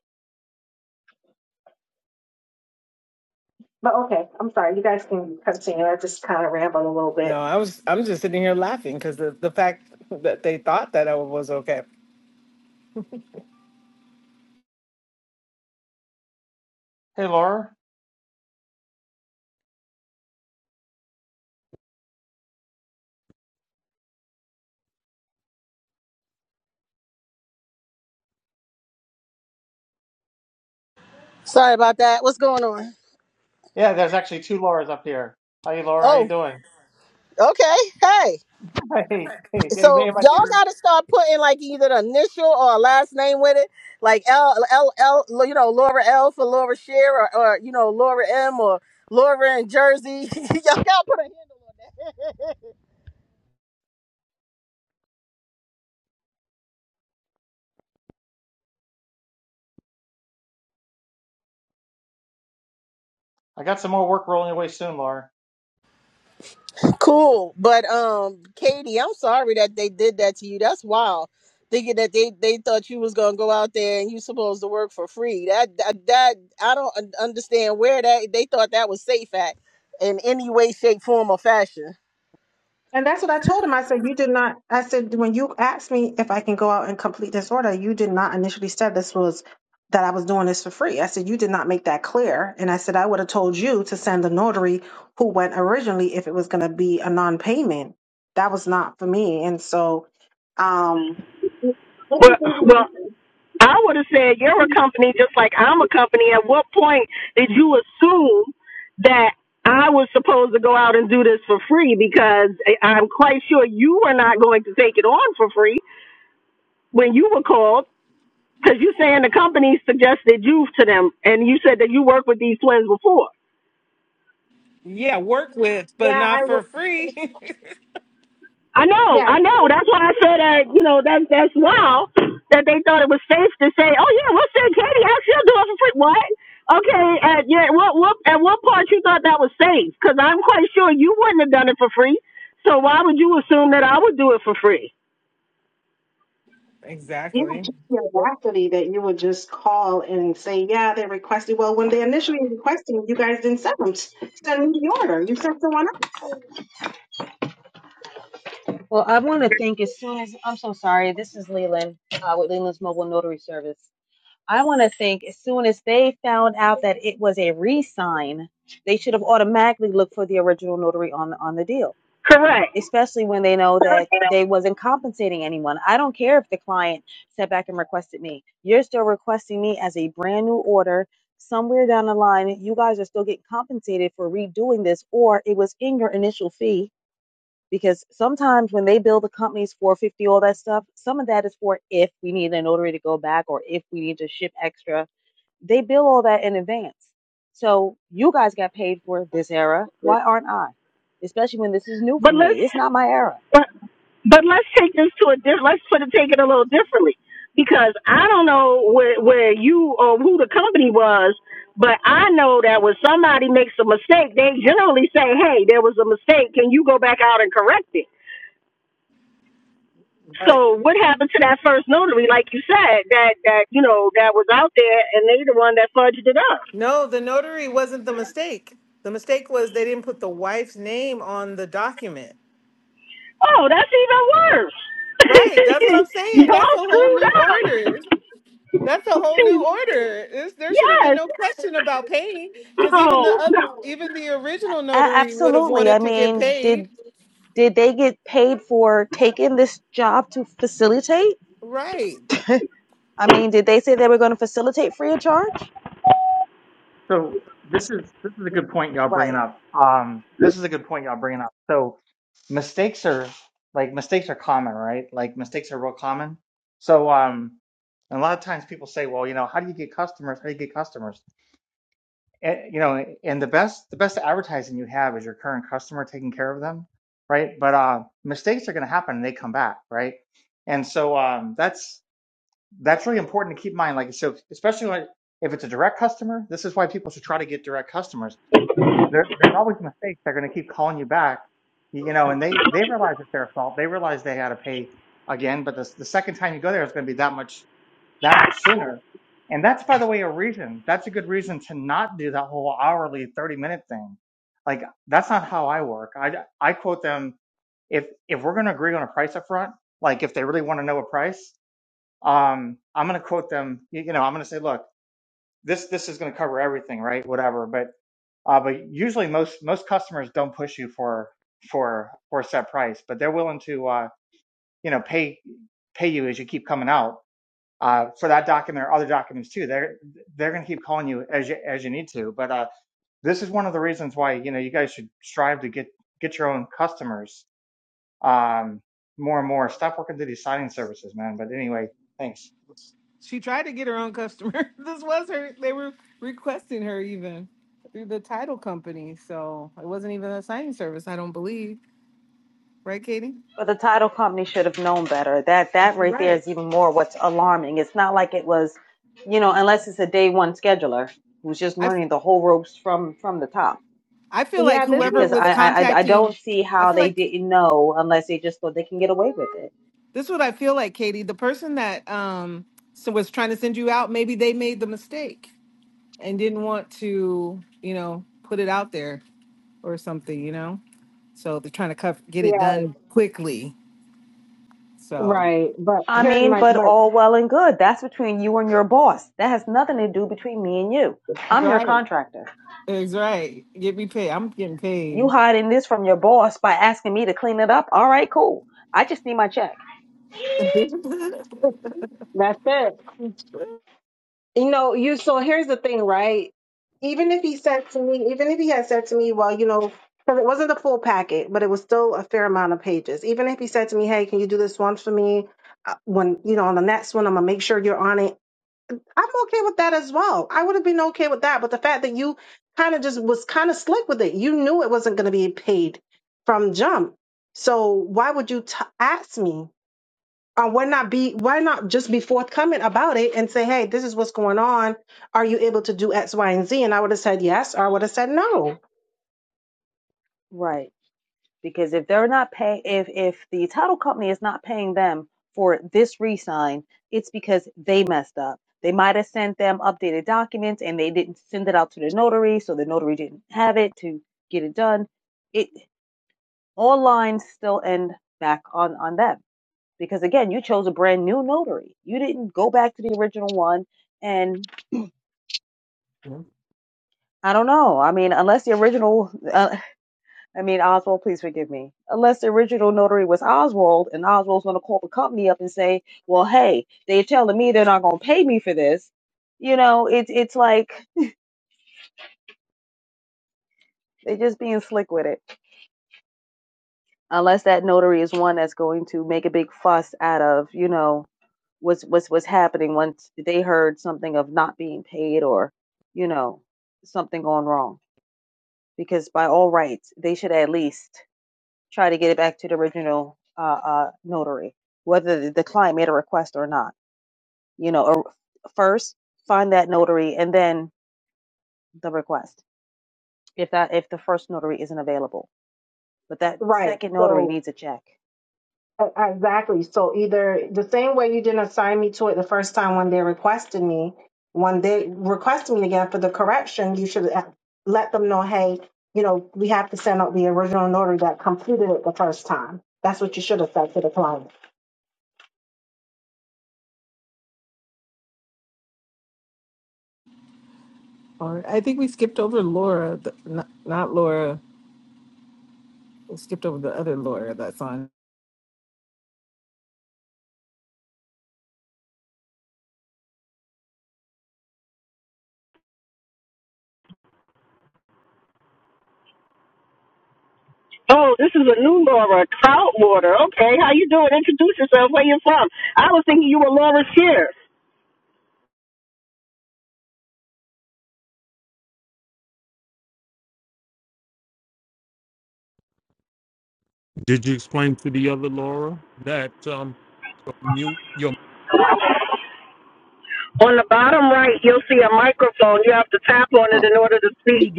No,
but
I was, I'm just sitting here laughing because the the fact that they thought that I was okay.
Hey Laura.
Sorry about that. What's going on?
Yeah, there's actually two Lauras up here. Hey Laura, how you
Oh,
doing?
okay. Hey,
Hey hey hey,
so
hey my
y'all
dear.
got to start putting like either the initial or a last name with it, like L L L. You know, Laura L for Laura Shear, or, or you know, Laura M or Laura in Jersey. y'all got to put a handle on that.
I got some more work rolling away soon, Laura.
Cool, but um, Katie, I'm sorry that they did that to you. That's wild. Thinking that they they thought you was gonna go out there and you supposed to work for free. That that, that I don't un- understand where that they thought that was safe at in any way, shape, form, or fashion.
and that's what I told him. I said you did not. I said when you asked me if I can go out and complete this order, you did not initially said this was that I was doing this for free. I said you did not make that clear, and I said I would have told you to send the notary who went originally if it was going to be a non-payment. That was not for me, and so um
Well, well, I would have said you're a company just like I'm a company. At what point did you assume that I was supposed to go out and do this for free? Because I- I'm quite sure you were not going to take it on for free when you were called. Because you saying the company suggested you to them, and you said that you worked with these twins before.
Yeah, work with, but
yeah, I
not for free.
I know, I know. That's why I said that. You know, that that's wild that they thought it was safe to say, "Oh yeah, we'll send Katie out. She'll do it for free." What? Okay, at yeah, what what at what part you thought that was safe? Because I'm quite sure you wouldn't have done it for free. So why would you assume that I would do it for free?
you know,
exactly.
just the audacity that you would just call and say, yeah, they requested. Well, when they initially requested, you guys didn't send them. Send me the order. You sent someone else.
Well, I want to thank as soon as I'm so sorry. This is Leland uh, with Leland's Mobile Notary Service. I want to think as soon as they found out that it was a re-sign, they should have automatically looked for the original notary on the, on the deal. Especially when they know that they wasn't compensating anyone. I don't care if the client sat back and requested me. You're still requesting me as a brand new order. Somewhere down the line, you guys are still getting compensated for redoing this, or it was in your initial fee because sometimes when they build the companies 450 all that stuff some of that is for if we need a notary to go back or if we need to ship extra they bill all that in advance so you guys got paid for this era why aren't i especially when this is new
But
for me
let's
it's not my era
But let's take this to a different. Let's put it, take it a little differently because I don't know where where you or who the company was, but I know that when somebody makes a mistake, they generally say, "Hey, there was a mistake. Can you go back out and correct it?"
Right.
So what happened to that first notary, like you said, that that you know that was out there, and they the one that fudged it up.
No, the notary wasn't the mistake. The mistake was they didn't put the wife's name on the document.
Oh, that's even worse.
Right. That's what I'm saying. That's
Y'all
a whole
screwed
new
up.
order. That's a whole new order. It's, there should have been
yes.
no question about paying because even the
Oh no.
other, even the original
A-
notary would have
absolutely
wanted
i
to get
mean
paid.
did did they get paid for taking this job to facilitate
Right.
i mean did they say they were going to facilitate free of charge
So this is this is a good point y'all bringing
right
up. Um, this is a good point y'all bringing up. So mistakes are like mistakes are common, right? Like mistakes are real common. So um, and a lot of times people say, well, you know, how do you get customers? How do you get customers? And, you know, and the best the best advertising you have is your current customer taking care of them, right? But uh, mistakes are going to happen and they come back, right? And so um, that's. that's really important to keep in mind. Like, so especially when, if it's a direct customer, this is why people should try to get direct customers. There, there's always mistakes. They're going to keep calling you back, you know, and they, they realize it's their fault. They realize they had to pay again, but the, the second time you go there, it's going to be that much, that much sooner. And that's, by the way, a reason. That's a good reason to not do that whole hourly 30 minute thing. Like, that's not how I work. I, I quote them if if we're going to agree on a price up front, like if they really want to know a price, um, I'm going to quote them. You, you know, I'm going to say, look, this this is going to cover everything, right? Whatever. But uh, but usually most most customers don't push you for for for a set price, but they're willing to uh, you know pay pay you as you keep coming out uh, for that document or other documents too. They're they're going to keep calling you as you as you need to. But uh, this is one of the reasons why you know you guys should strive to get get your own customers um, more and more. Stop working through these signing services, man. But anyway, thanks.
She tried to get her own customer. this was her. They were requesting her even through the title company. So it wasn't even a signing service. I don't believe. Right, Katie?
But the title company should have known better. That that right there
Right.
is even more what's alarming. It's not like it was, you know, unless it's a day one scheduler who's just
I
learning the whole ropes from from the top.
I feel like
Yeah, this was
whoever
Because
was
I I I I don't
contacting,
see
I
how
feel
they
like
didn't know unless they just thought they can get away with it.
this is what I feel like, Katie. The person that um so was trying to send you out, maybe they made the mistake and didn't want to, you know, put it out there or something, you know. So they're trying to cuff, get it
yeah,
done quickly. So
right. But
I
here's
mean,
my
but
my
all well and good. That's between you and your boss. That has nothing to do between me and you. I'm your
right,
contractor.
that's right. Get me paid. I'm getting
You
paid.
hiding this from your boss by asking me to clean it up. All right, cool. I just need my check.
that's it. You know, you so here's the thing, right? Even if he said to me, even if he had said to me, well, you know, because it wasn't the full packet, but it was still a fair amount of pages. Even if he said to me, hey, can you do this one for me? Uh, When, you know, on the next one, I'm going to make sure you're on it. I'm okay with that as well. I would have been okay with that. But the fact that you kind of just was kind of slick with it, you knew it wasn't going to be paid from jump. So why would you t- ask me? Uh, why not be? Why not just be forthcoming about it and say, "Hey, this is what's going on. Are you able to do X, Y, and Z?" And I would have said yes, or I would have said no.
Right. because if they're not pay if if the title company is not paying them for this re-sign, it's because they messed up they might have sent them updated documents and they didn't send it out to the notary so the notary didn't have it to get it done it all lines still end back on on them because again you chose a brand new notary you didn't go back to the original one and i don't know i mean unless the original uh, I mean, Oswald, please forgive me. Unless the original notary was Oswald, and Oswald's going to call the company up and say, "Well, hey, they're telling me they're not going to pay me for this." You know, it's it's like they're just being slick with it. Unless that notary is one that's going to make a big fuss out of, you know, what's what's what's happening once they heard something of not being paid or, you know, something going wrong. Because by all rights, they should at least try to get it back to the original uh, uh, notary, whether the client made a request or not. You know, or first find that notary and then the request. If that if the first notary isn't available, but that
Right.
second notary
So
needs a check. Okay,
Uh, Exactly. So either the same way you didn't assign me to it the first time when they requested me, when they request me again for the correction, you should uh, let them know, hey, you know, we have to send out the original notary that completed it the first time. That's what you should have said to the client.
Or I think we skipped over Laura, the, not, not Laura. We skipped over the other Laura that's on
Oh, this is a new Laura, Troutwater. Okay, how you doing? Introduce yourself. Where you from? I was thinking you were Laura Shear.
Um,
On the bottom right, you'll see a microphone. You have to tap on it
Hi.
in order to speak.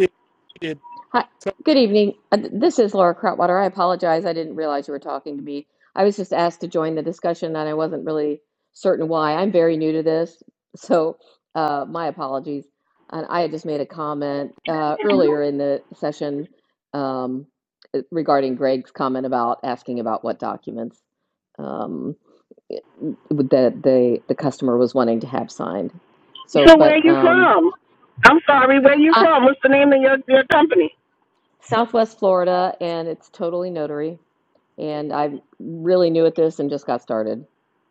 Hi. Good evening. Uh, th- This is Laura Krautwater. I apologize. I didn't realize you were talking to me. I was just asked to join the discussion and I wasn't really certain why. I'm very new to this, so uh, my apologies. And I had just made a comment uh, earlier in the session um, uh, regarding Greg's comment about asking about what documents um, that the, the customer was wanting to have signed. So,
So where
but
you
um,
from? I'm sorry, where you from? What's the name of your, your company?
Southwest Florida, and it's totally notary. And I'm really new at this and just got started.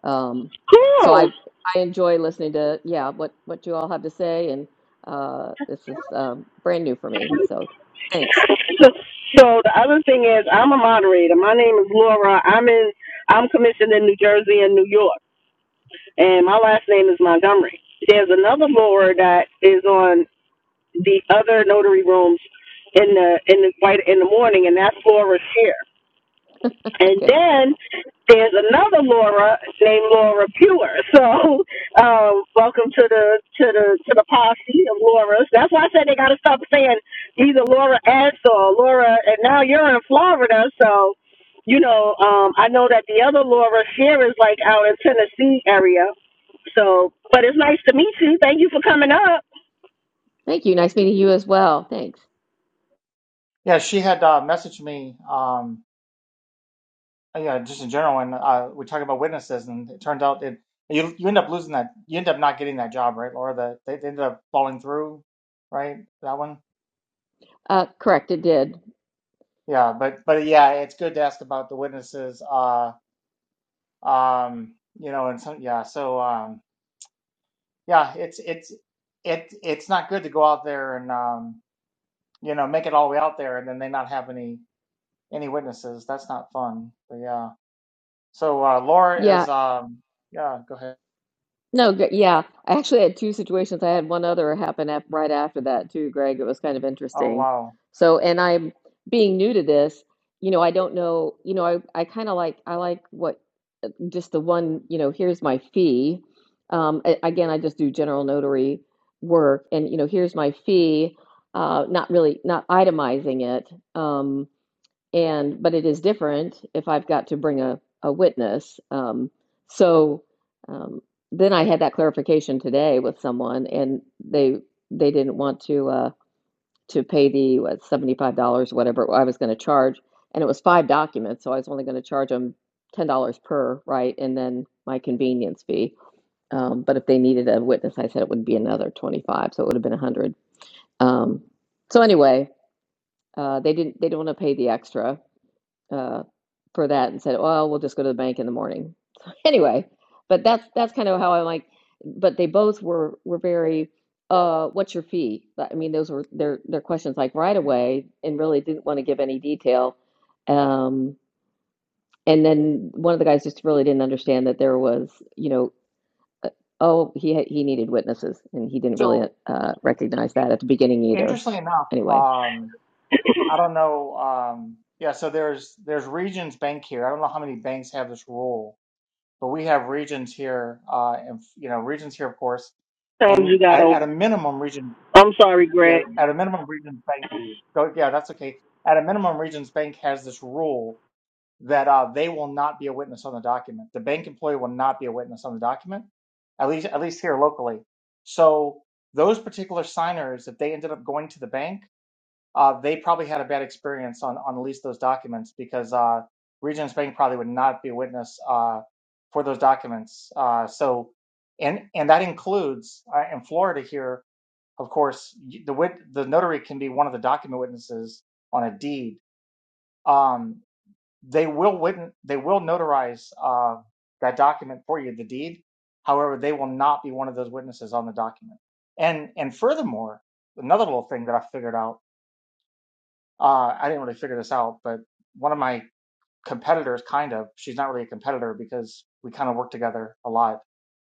Um, so
Cool.
I I enjoy listening to yeah what what you all have to say, and uh, this is um, brand new for me. So thanks.
So, so the other thing is, I'm a moderator. My name is Laura. I'm in. I'm commissioned in New Jersey and New York, and my last name is Montgomery. There's another Laura that is on the other notary rooms in the in the white in the morning, and that's Laura Shear. And
Okay,
then there's another Laura named Laura Pure. So um, welcome to the to the to the posse of Laura's. That's why I said they got to stop saying either Laura S or Laura. And now you're in Florida, so you know um, I know that the other Laura Shear is like out in Tennessee area. So, but it's nice to meet you. Thank you for coming up.
thank you. Nice meeting you as well. Thanks.
Yeah, she had uh, messaged me, um, uh, yeah, just in general, and uh, we talking about witnesses, and it turned out it you you end up losing that, you end up not getting that job, right, Laura? The, they, they ended up falling through, right? That one,
Uh, correct, it did.
yeah. But but yeah, it's good to ask about the witnesses, uh, um, you know, and some yeah. So um, yeah, it's it's it it's not good to go out there and um, you know, make it all the way out there, and then they not have any any witnesses. That's not fun. But yeah. So uh, Laura
Yeah,
is um yeah, go ahead.
No, gr- yeah. I actually had two situations. I had one other happen af right after that too, Greg. It was kind of
Oh
interesting.
wow.
So, and I'm being new to this, you know, I don't know, you know, I, I kind of like, I like what just the one, you know, here's my fee. Um, a- again, I just do general notary work and, you know, here's my fee, uh, not really, not itemizing it. um, and but it is different if I've got to bring a, a witness. Um, so um, then I had that clarification today with someone, and they they didn't want to uh, to pay the what seventy five dollars whatever I was going to charge, and it was five documents, so I was only going to charge them ten dollars per right, and then my convenience fee. Um, but if they needed a witness, I said it would be another twenty five, so it would have been a hundred. Um, so anyway, uh, they didn't they didn't want to pay the extra, uh, for that and said, "Oh, we'll just go to the bank in the morning." So anyway, but that's that's kind of how I like. But they both were were very, uh, "What's your fee?" I mean, those were their their questions like right away, and really didn't want to give any detail. Um, and then one of the guys just really didn't understand that there was, you know, uh, Oh, he had, he needed witnesses, and he didn't really
So
uh, recognize that at the beginning either.
interestingly enough,
Anyway,
um I don't know um yeah, so there's there's Regions Bank here. I don't know how many banks have this rule, but we have Regions here uh and you know, Regions here of course.
Times you
And
got
at, at
over.
a minimum Region
I'm sorry, Greg.
yeah, at a minimum Regions Bank go yeah, that's okay. At a minimum Regions Bank has this rule that uh, they will not be a witness on the document. The bank employee will not be a witness on the document, at least at least here locally. So those particular signers, if they ended up going to the bank, uh, they probably had a bad experience on on at least those documents because uh, Regions Bank probably would not be a witness uh, for those documents. Uh, so and and that includes uh, in Florida here, of course, y- the wit- the notary can be one of the document witnesses on a deed. Um, they will win, they will notarize uh, that document for you, the deed. However, they will not be one of those witnesses on the document. And and furthermore, another little thing that I figured out, uh, I didn't really figure this out, but one of my competitors, kind of, she's not really a competitor because we kind of work together a lot,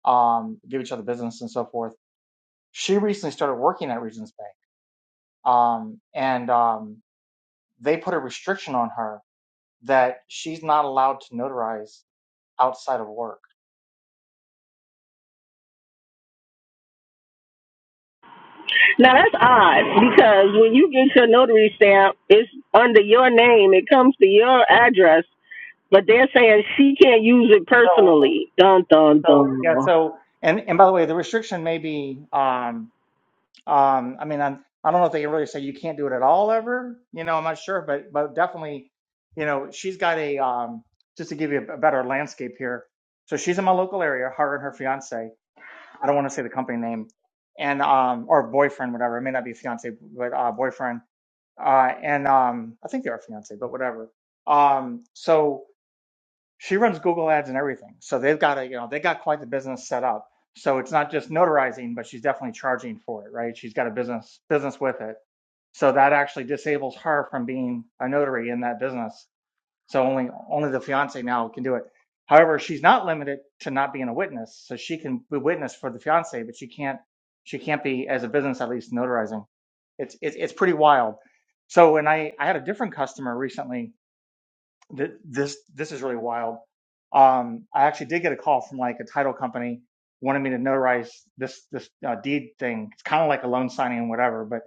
um, give each other business and so forth. She recently started working at Regions Bank, um, and um, they put a restriction on her that she's not allowed to notarize outside of work
Now that's odd because when you get your notary stamp, it's under your name. It comes to your address, but they're saying she can't use it
So,
personally. Dun dun
so
dun.
yeah,
Because
so and and by the way, the restriction may be um um I mean I'm I don't know if they can really say you can't do it at all ever. You know, I'm not sure, but but definitely, you know, she's got a um just to give you a better landscape here. So she's in my local area, her and her fiance. I don't want to say the company name and um or boyfriend, whatever. It may not be fiance, but uh boyfriend. Uh and um I think they are fiance, but whatever. Um so she runs Google ads and everything. So they've got a, you know, they got quite the business set up. So it's not just notarizing, but she's definitely charging for it, right? She's got a business business with it. So that actually disables her from being a notary in that business. So only only the fiance now can do it. However, she's not limited to not being a witness. So she can be witness for the fiance, but she can't she can't be as a business at least notarizing. It's it's it's pretty wild. So when I I had a different customer recently th- this this is really wild. Um, I actually did get a call from like a title company wanted me to notarize this this uh, deed thing. It's kind of like a loan signing and whatever, but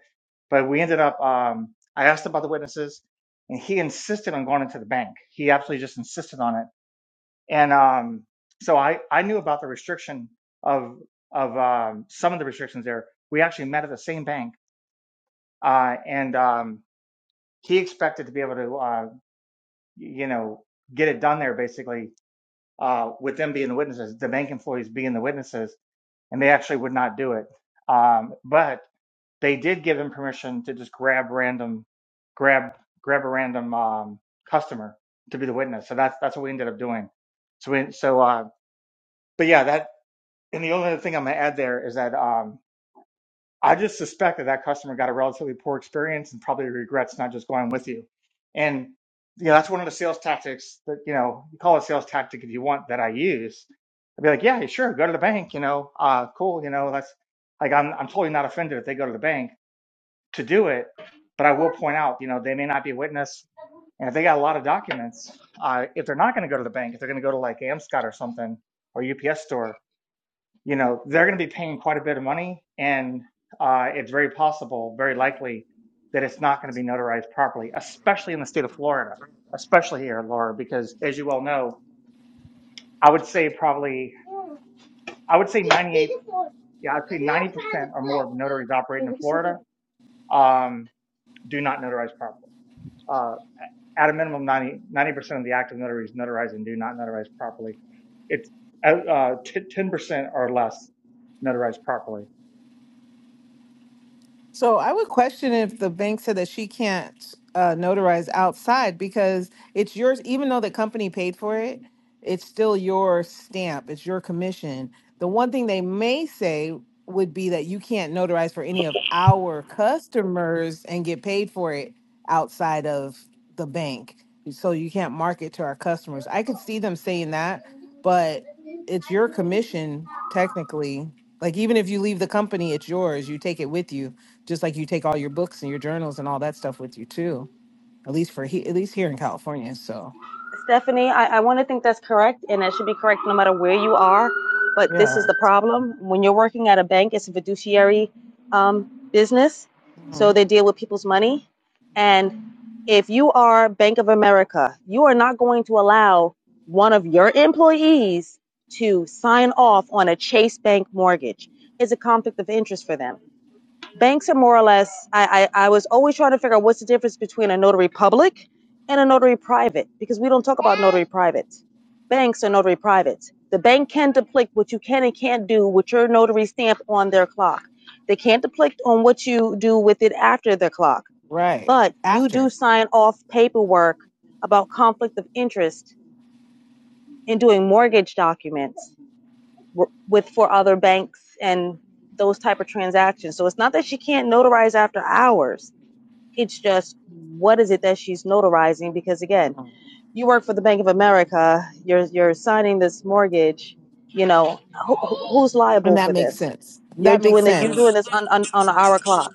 but we ended up. Um, I asked about the witnesses, and he insisted on going into the bank. He absolutely just insisted on it, and um, so I I knew about the restriction of of um, some of the restrictions there. We actually met at the same bank, uh, and um, he expected to be able to uh, you know get it done there basically uh, with them being the witnesses, the bank employees being the witnesses, and they actually would not do it. Um, but they did give them permission to just grab random, grab grab a random um, customer to be the witness. So that's that's what we ended up doing. So we, so uh, but yeah, that and the only other thing I'm gonna add there is that um, I just suspect that that customer got a relatively poor experience and probably regrets not just going with you. And you know, that's one of the sales tactics that you know you call it a sales tactic if you want that I use. I'd be like, yeah, sure, go to the bank. You know, uh, cool. You know, that's like I'm I'm totally not offended if they go to the bank to do it, but I will point out, you know, they may not be a witness, and if they got a lot of documents, uh, if they're not going to go to the bank, if they're going to go to like Amscot or something or UPS store, you know, they're going to be paying quite a bit of money, and uh, it's very possible, very likely, that it's not going to be notarized properly, especially in the state of Florida, especially here, Laura, because as you well know, I would say probably, I would say 98, yeah, I'd say 90% or more of notaries operating
you
in
can sit
Florida um, do not notarize properly. Uh, at a minimum, 90, ninety percent of the active notaries notarize and do not notarize properly. It's uh, uh, t- 10% or less notarized properly.
So I would question if the bank said that she can't uh, notarize outside because it's yours, even though the company paid for it, it's still your stamp, it's your commission. The one thing they may say would be that you can't notarize for any of our customers and get paid for it outside of the bank. So you can't market to our customers. I could see them saying that, but it's your commission technically. Like even if you leave the company, it's yours. You take it with you just like you take all your books and your journals and all that stuff with you too. At least for he, at least here in California. So
Stephanie, I, I want to think that's correct, and that should be correct no matter where you are. But this is
yeah,
the problem. When you're working at a bank, it's a fiduciary um, business,
hmm
so they deal with people's money. And if you are Bank of America, you are not going to allow one of your employees to sign off on a Chase Bank mortgage. It's a conflict of interest for them banks are more or less I, I i was always trying to figure out what's the difference between a notary public and a notary private because we don't talk about notary private banks are notary private the bank can depict what you can and can't do with your notary stamp on their clock they can't depict on what you do with it after their clock
right
but you do
after,
sign off paperwork about conflict of interest in doing mortgage documents with for other banks and those type of transactions so it's not that she can't notarize after hours it's just what is it that she's notarizing? Because again,
Mhm.
you work for the Bank of America. You're you're signing this
right.
mortgage. You know who, who's
and
liable
that
for
makes
this?
sense.
You're
That makes
doing that.
yeah.
You're
sense,
doing this on on, on an hour clock.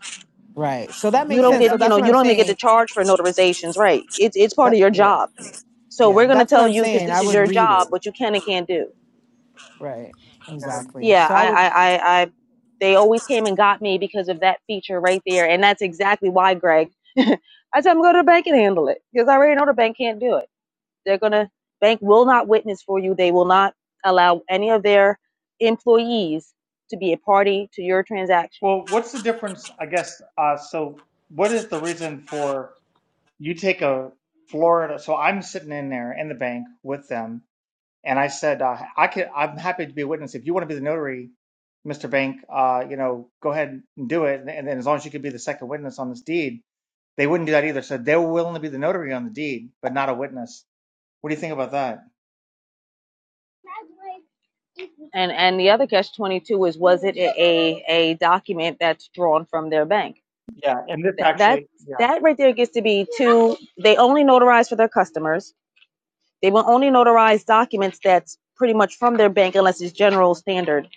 right? So that
You
makes
Yeah,
don't
sense.
get
So
definitely.
you
that's
know
what
you
I'm
don't even get to
saying.
charge for notarizations, right? It's it's part
That
of your
yeah,
job. So
yeah.
we're gonna
That's what
tell
I'm
you because
saying. I
this is
would
your
read
job,
it,
but you can and can't do.
right?
Yeah,
Exactly.
yeah,
So I
I,
would,
I, I, I, they always came and got me because of that feature right there, and that's exactly why, Greg. I said I'm going to the bank and handle it because I already know the bank can't do it. They're gonna bank will not witness for you. They will not allow any of their employees to be a party to your transaction.
Well, what's the difference? I guess. Uh, so, what is the reason for you take a Florida? So, I'm sitting in there in the bank with them, and I said, uh, I could, I'm happy to be a witness. If you want to be the notary, Mr. Bank, uh, you know, go ahead and do it. And, and then, as long as you could be the second witness on this deed, they wouldn't do that either. So, they were willing to be the notary on the deed, but not a witness. What do you think about that?
And and the other catch twenty two is was it a, a a document that's drawn from their bank?
Yeah, and this
That that
actually, yeah,
that right there gets to be two. They only notarize for their customers They will only notarize documents that's pretty much from their bank unless it's general standard.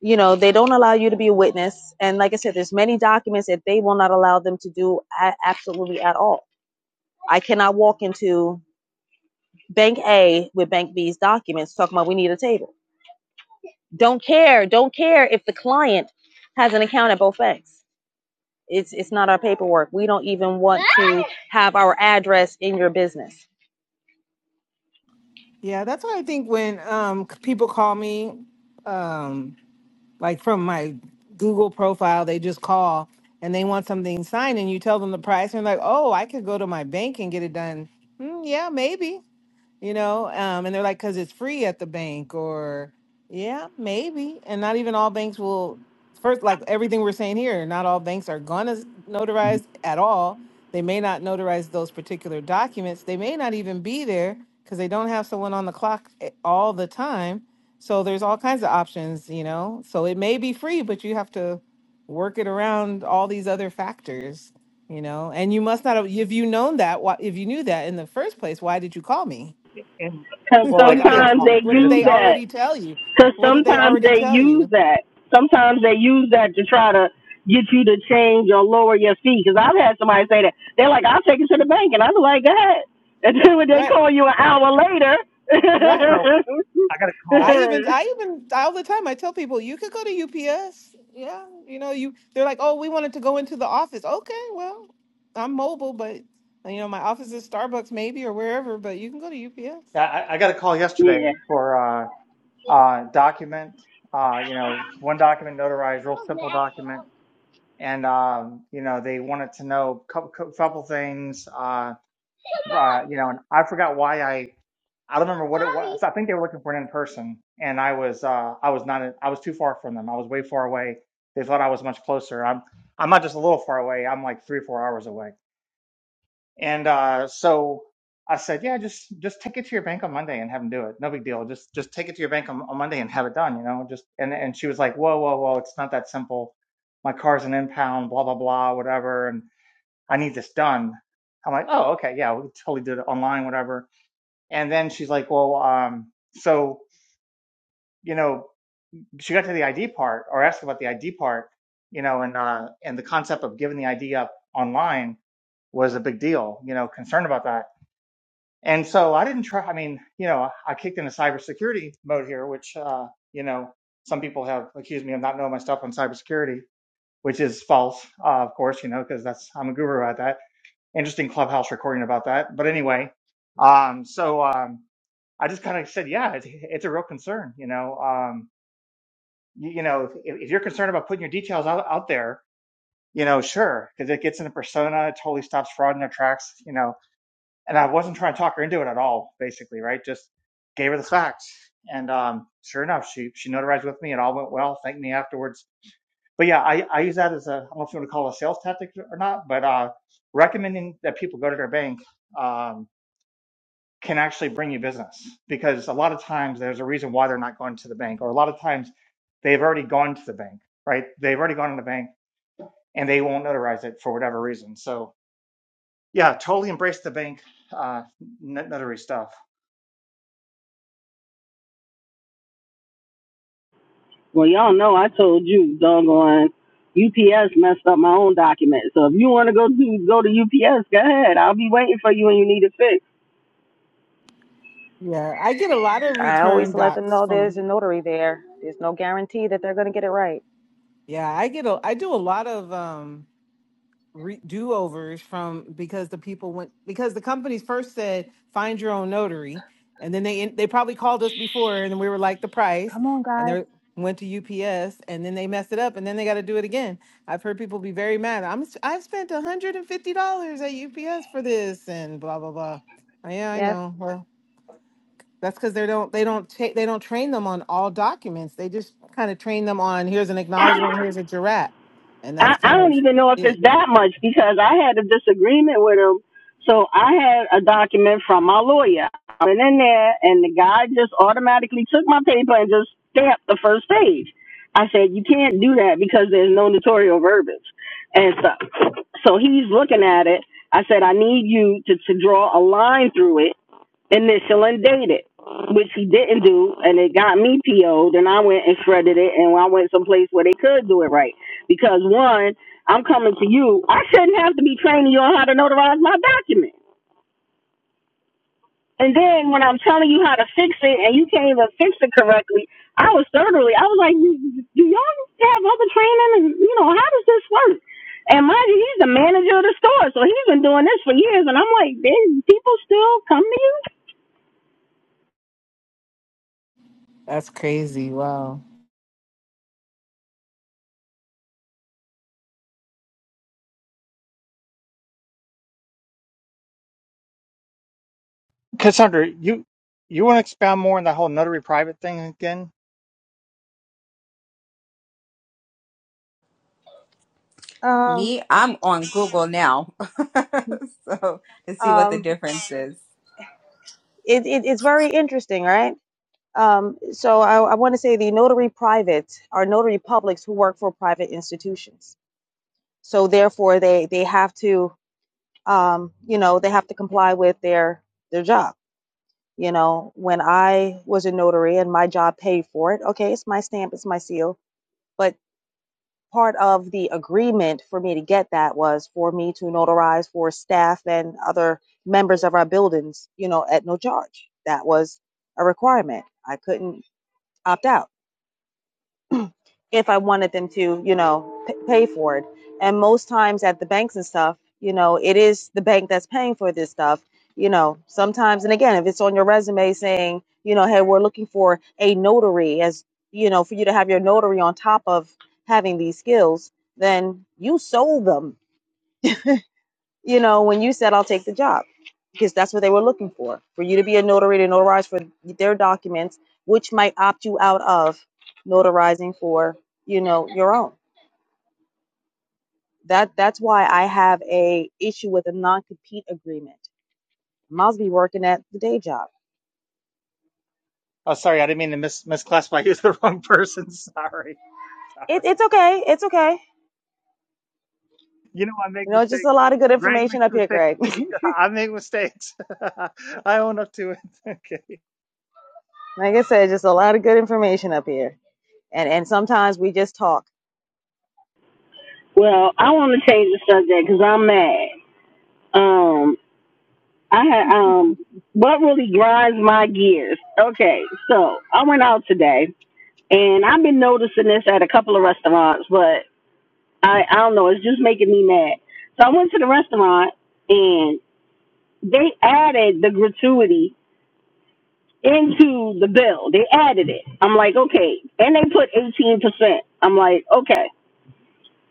You know, they don't allow you to be a witness. And like I said, there's many documents that they will not allow them to do a- absolutely at all. I cannot walk into Bank A with Bank B's documents talking about we need a table. Don't care. Don't care if the client has an account at both banks. It's it's not our paperwork. We don't even want to have our address in your business.
yeah. That's what I think when um c- people call me. Um, like from my Google profile, they just call and they want something signed, and you tell them the price, and they're like, oh, I could go to my bank and get it done. Mm, yeah, maybe you know um, and they're like because it's free at the bank or yeah maybe and not even all banks will first like everything we're saying here not all banks are gonna s- notarize at all they may not notarize those particular documents they may not even be there because they don't have someone on the clock a- all the time so there's all kinds of options you know so it may be free but you have to work it around all these other factors you know and you must not have if you known that why if you knew that in the first place why did you call me
and well,
what
like
did
I got
they
a
sometimes
call
they
what
yesterday.
did
use
they
This is
that.
already tell you
Because
what did they
sometimes
already
they
tell
use
you
that. Sometimes they use that to try to get you to change or lower your fee. Because I've had somebody say that they're like, "I'll take it to the bank," and I'm like, "Go ahead." And then when they
right
call you an hour later,
right
so. I got a call.
i even i even all the time i tell people you could go to ups yeah you know you they're like oh we wanted to go into the office okay well i'm mobile but you know my office is starbucks maybe or wherever but you can go to ups
Yeah, I, I got a call yesterday
yeah.
for uh, uh, document. Uh, you know, one document notarized, real simple document, and um, you know they wanted to know a couple, couple things. Uh, uh, you know, and I forgot why I I don't remember what it was. I think they were looking for an in person, and I was uh, I was not in- I was too far from them. I was way far away. They thought I was much closer. I'm I'm not just a little far away. I'm like three or four hours away. And uh, so I said, yeah, just just take it to your bank on Monday and have them do it. No big deal. Just just take it to your bank on, on Monday and have it done. You know, just and and she was like, whoa, whoa, whoa, it's not that simple. My car's an impound, blah blah blah, whatever, and I need this done. I'm like, oh, okay, yeah, we can totally do it online, whatever. And then she's like, well, um, so you know, she got to the ID part or asked about the ID part, you know, and uh, and the concept of giving the ID up online was a big deal. You know, concerned about that And so I didn't try. I mean, you know, I kicked into cybersecurity mode here, which, uh, you know, some people have accused me of not knowing my stuff on cybersecurity, which is false, uh, of course, you know, because that's I'm a guru at that. Interesting clubhouse recording about that. But anyway, um, so um, I just kind of said, yeah, it's, it's a real concern. You know, um, you, you know, if, if you're concerned about putting your details out, out there, you know, sure, because it gets in the persona, it totally stops fraud in their tracks. You know, and I wasn't trying to talk her into it at all, basically, right? Just gave her the facts. And um, sure enough, she she notarized with me. It all went well. Thanked me afterwards. But yeah, I, I use that as a I don't know if you want to call it a sales tactic or not, but uh, recommending that people go to their bank um, can actually bring you business because a lot of times there's a reason why they're not going to the bank, or a lot of times they've already gone to the bank, right? They've already gone to the bank and they won't notarize it for whatever reason. So yeah, totally embrace the bank uh, notary stuff.
Well, y'all know I told you, doggone, UPS messed up my own document. So if you want to go to go to UPS, go ahead. I'll be waiting for you when you need it fixed.
yeah i get a lot of
I
return
always let them
docs
know there's a
from
notary there. There's no guarantee that they're going to get it right.
yeah i get a i do a lot of um re- do overs from because the people went because the companies first said find your own notary, and then they they probably called us before, and we were like the price,
Come on,
and
guys.
they went to UPS, and then they messed it up, and then they got to do it again. I've heard people be very mad. I'm I have spent one hundred and fifty dollars at UPS for this, and blah blah blah. Oh, yeah, I
Yes.
know. Well, that's because they don't they don't ta- they don't train them on all documents. They just kind of train them on here's an acknowledgement, here's a jurat, and
I,
that's
I
kind
don't
of
even know if
it.
it's that much because I had a disagreement with him. So I had a document from my lawyer. I went in there and the guy just automatically took my paper and just stamped the first page. I said, you can't do that because there's no notarial verbiage. And so, so he's looking at it. I said, I need you to, to draw a line through it initial and date it, which he didn't do, and it got me PO'd, and I went and shredded it, and I went someplace where they could do it right. Because one, I'm coming to you, I shouldn't have to be training you on how to notarize my document. And then when I'm telling you how to fix it, and you can't even fix it correctly, I was thoroughly, I was like, do y'all have other training? And, you know, how does this work? And mind you, he's the manager of the store, so he's been doing this for years. And I'm like, then people still come to
That's crazy. Wow.
Cassandra, you you want to expound more on that whole notary private thing again?
Um,
Me, I'm on Google now, so to see what the
um,
difference is.
it, it, it's very interesting, right? Um, so I, I want to say the notary private are notary publics who work for private institutions. So therefore, they they have to, um, you know, they have to comply with their their job. You know, when I was a notary and my job paid for it, okay, it's my stamp, it's my seal, but. part of the agreement for me to get that was for me to notarize for staff and other members of our buildings, you know, at no charge. That was a requirement. I couldn't opt out if I wanted them to, you know, p- pay for it. And most times at the banks and stuff, you know, it is the bank that's paying for this stuff. You know, sometimes, and again, if it's on your resume saying, you know, hey, we're looking for a notary as, you know, for you to have your notary on top of having these skills, then you sold them, you know, when you said, I'll take the job because that's what they were looking for, for you to be a notary to notarize for their documents, which might opt you out of notarizing for, you know, your own. That that's why I have a issue with a non compete agreement. Miles be working at the day job.
Oh, sorry, I didn't mean to mis misclassify you as the wrong person. Sorry, sorry.
It, it's okay. It's okay.
You know I make
You know, just
mistakes.
a lot of good
Greg
information
makes
up here,
mistakes
Greg.
too. I make mistakes. I own up to it. Okay.
like I said, just a lot of good information up here. And and sometimes we just talk.
Well, I want to change the subject because I'm mad. Um, I had um, what really grinds my gears? Okay, so I went out today, and I've been noticing this at a couple of restaurants, but I I don't know, it's just making me mad. So I went to the restaurant, and they added the gratuity into the bill. They added it. I'm like, okay, and they put eighteen percent. I'm like, okay.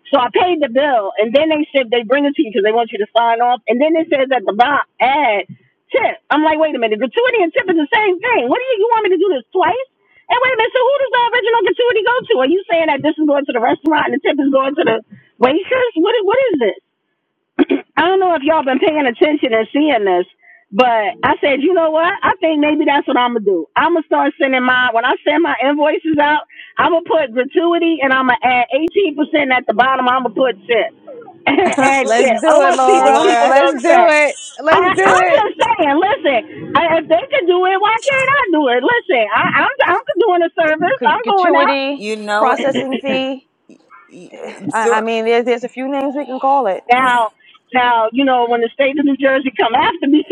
So I paid the bill, and then they said they bring it to you because they want you to sign off. And then it says at the bottom, add tip. I'm like, wait a minute, gratuity and tip is the same thing. What do you, you want me to do this twice? And wait a minute, so who does the original gratuity go to? Are you saying that this is going to the restaurant and the tip is going to the waitress? What is, what is this? I don't know if y'all been paying attention and seeing this, but I said, you know what? I think maybe that's what I'm gonna do. I'm gonna start sending my when I send my invoices out, I'm gonna put gratuity and I'm gonna add 18% at the bottom. I'm gonna put tip and
Let's
tip. I
do it,
want to see what
Laura.
people
Laura,
go
Let's
to
do
say.
it. Let's do
I, I'm
it.
just saying, listen, I, if they can do it, why can't I do it? Listen, I, I'm, I'm doing a service.
Gratu-
I'm going out.
Gratuity,
you know, what-
processing fee.
y- uh,
I, I
Zor-
mean, there's there's a few names we can call it.
Now, now, you know, when the state of New Jersey come after me,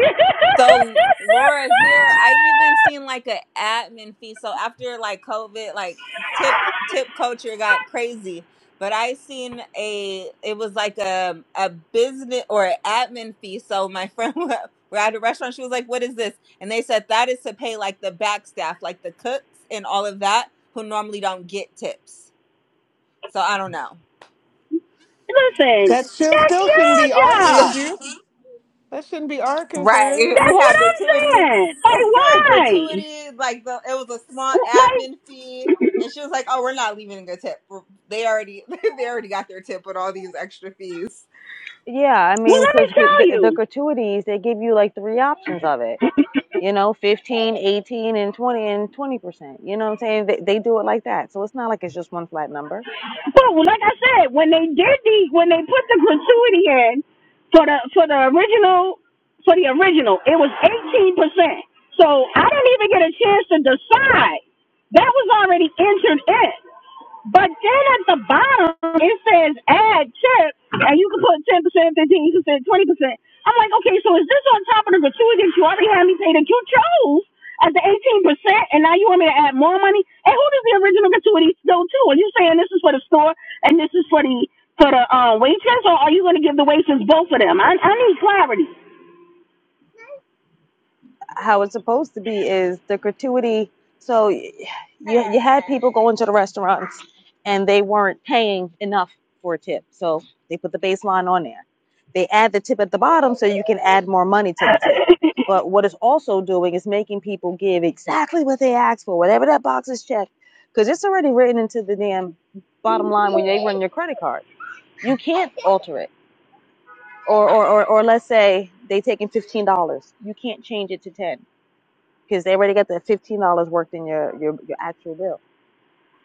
So Laura, here I even seen like an admin fee. So after like COVID, like tip tip culture got crazy. But I seen a it was like a a business or an admin fee. So my friend we we're at a restaurant. She was like, "What is this?" And they said that is to pay like the back staff, like the cooks and all of that, who normally don't get tips. So I don't know.
listen,
That still
that's
still shouldn't
your
be our
job.
issue. That shouldn't be our
Right.
concern.
That's
We
what
had
I'm
gratuity,
saying. Like, why?
gratuity, like the it was a small
Like,
admin fee. And she was like, Oh, we're not leaving a tip. We're- They already they already got their tip with all these extra fees.
Yeah, I
well,
mean,
let me
because
tell
the, the
you.
gratuities they give you like three options of it you know 15 18 and 20 and 20 percent you know what i'm saying they, they do it like that so it's not like it's just one flat number
Well, like I said, when they did the, when they put the gratuity in for the for the original, for the original, it was 18%. So I didn't even get a chance to decide. That was already entered in. But then at the bottom it says add tip, and you can put ten percent, fifteen percent, twenty percent. I'm like, okay, so is this on top of the gratuity that you already had me pay that you chose at the eighteen percent, and now you want me to add more money? And who does the original gratuity go to? Are you saying this is for the store and this is for the for the uh, waitress, or are you going to give the waitress both of them? I I need clarity.
how it's supposed to be is the gratuity so you, you had people going to the restaurants and they weren't paying enough for a tip so they put the baseline on there they add the tip at the bottom so you can add more money to the tip but what it's also doing is making people give exactly what they asked for whatever that box is checked because it's already written into the damn bottom line when they run your credit card You can't alter it. Or, or, or, or let's say they taking $15. You can't change it to 10 because they already got the $15 worked in your, your, your actual bill.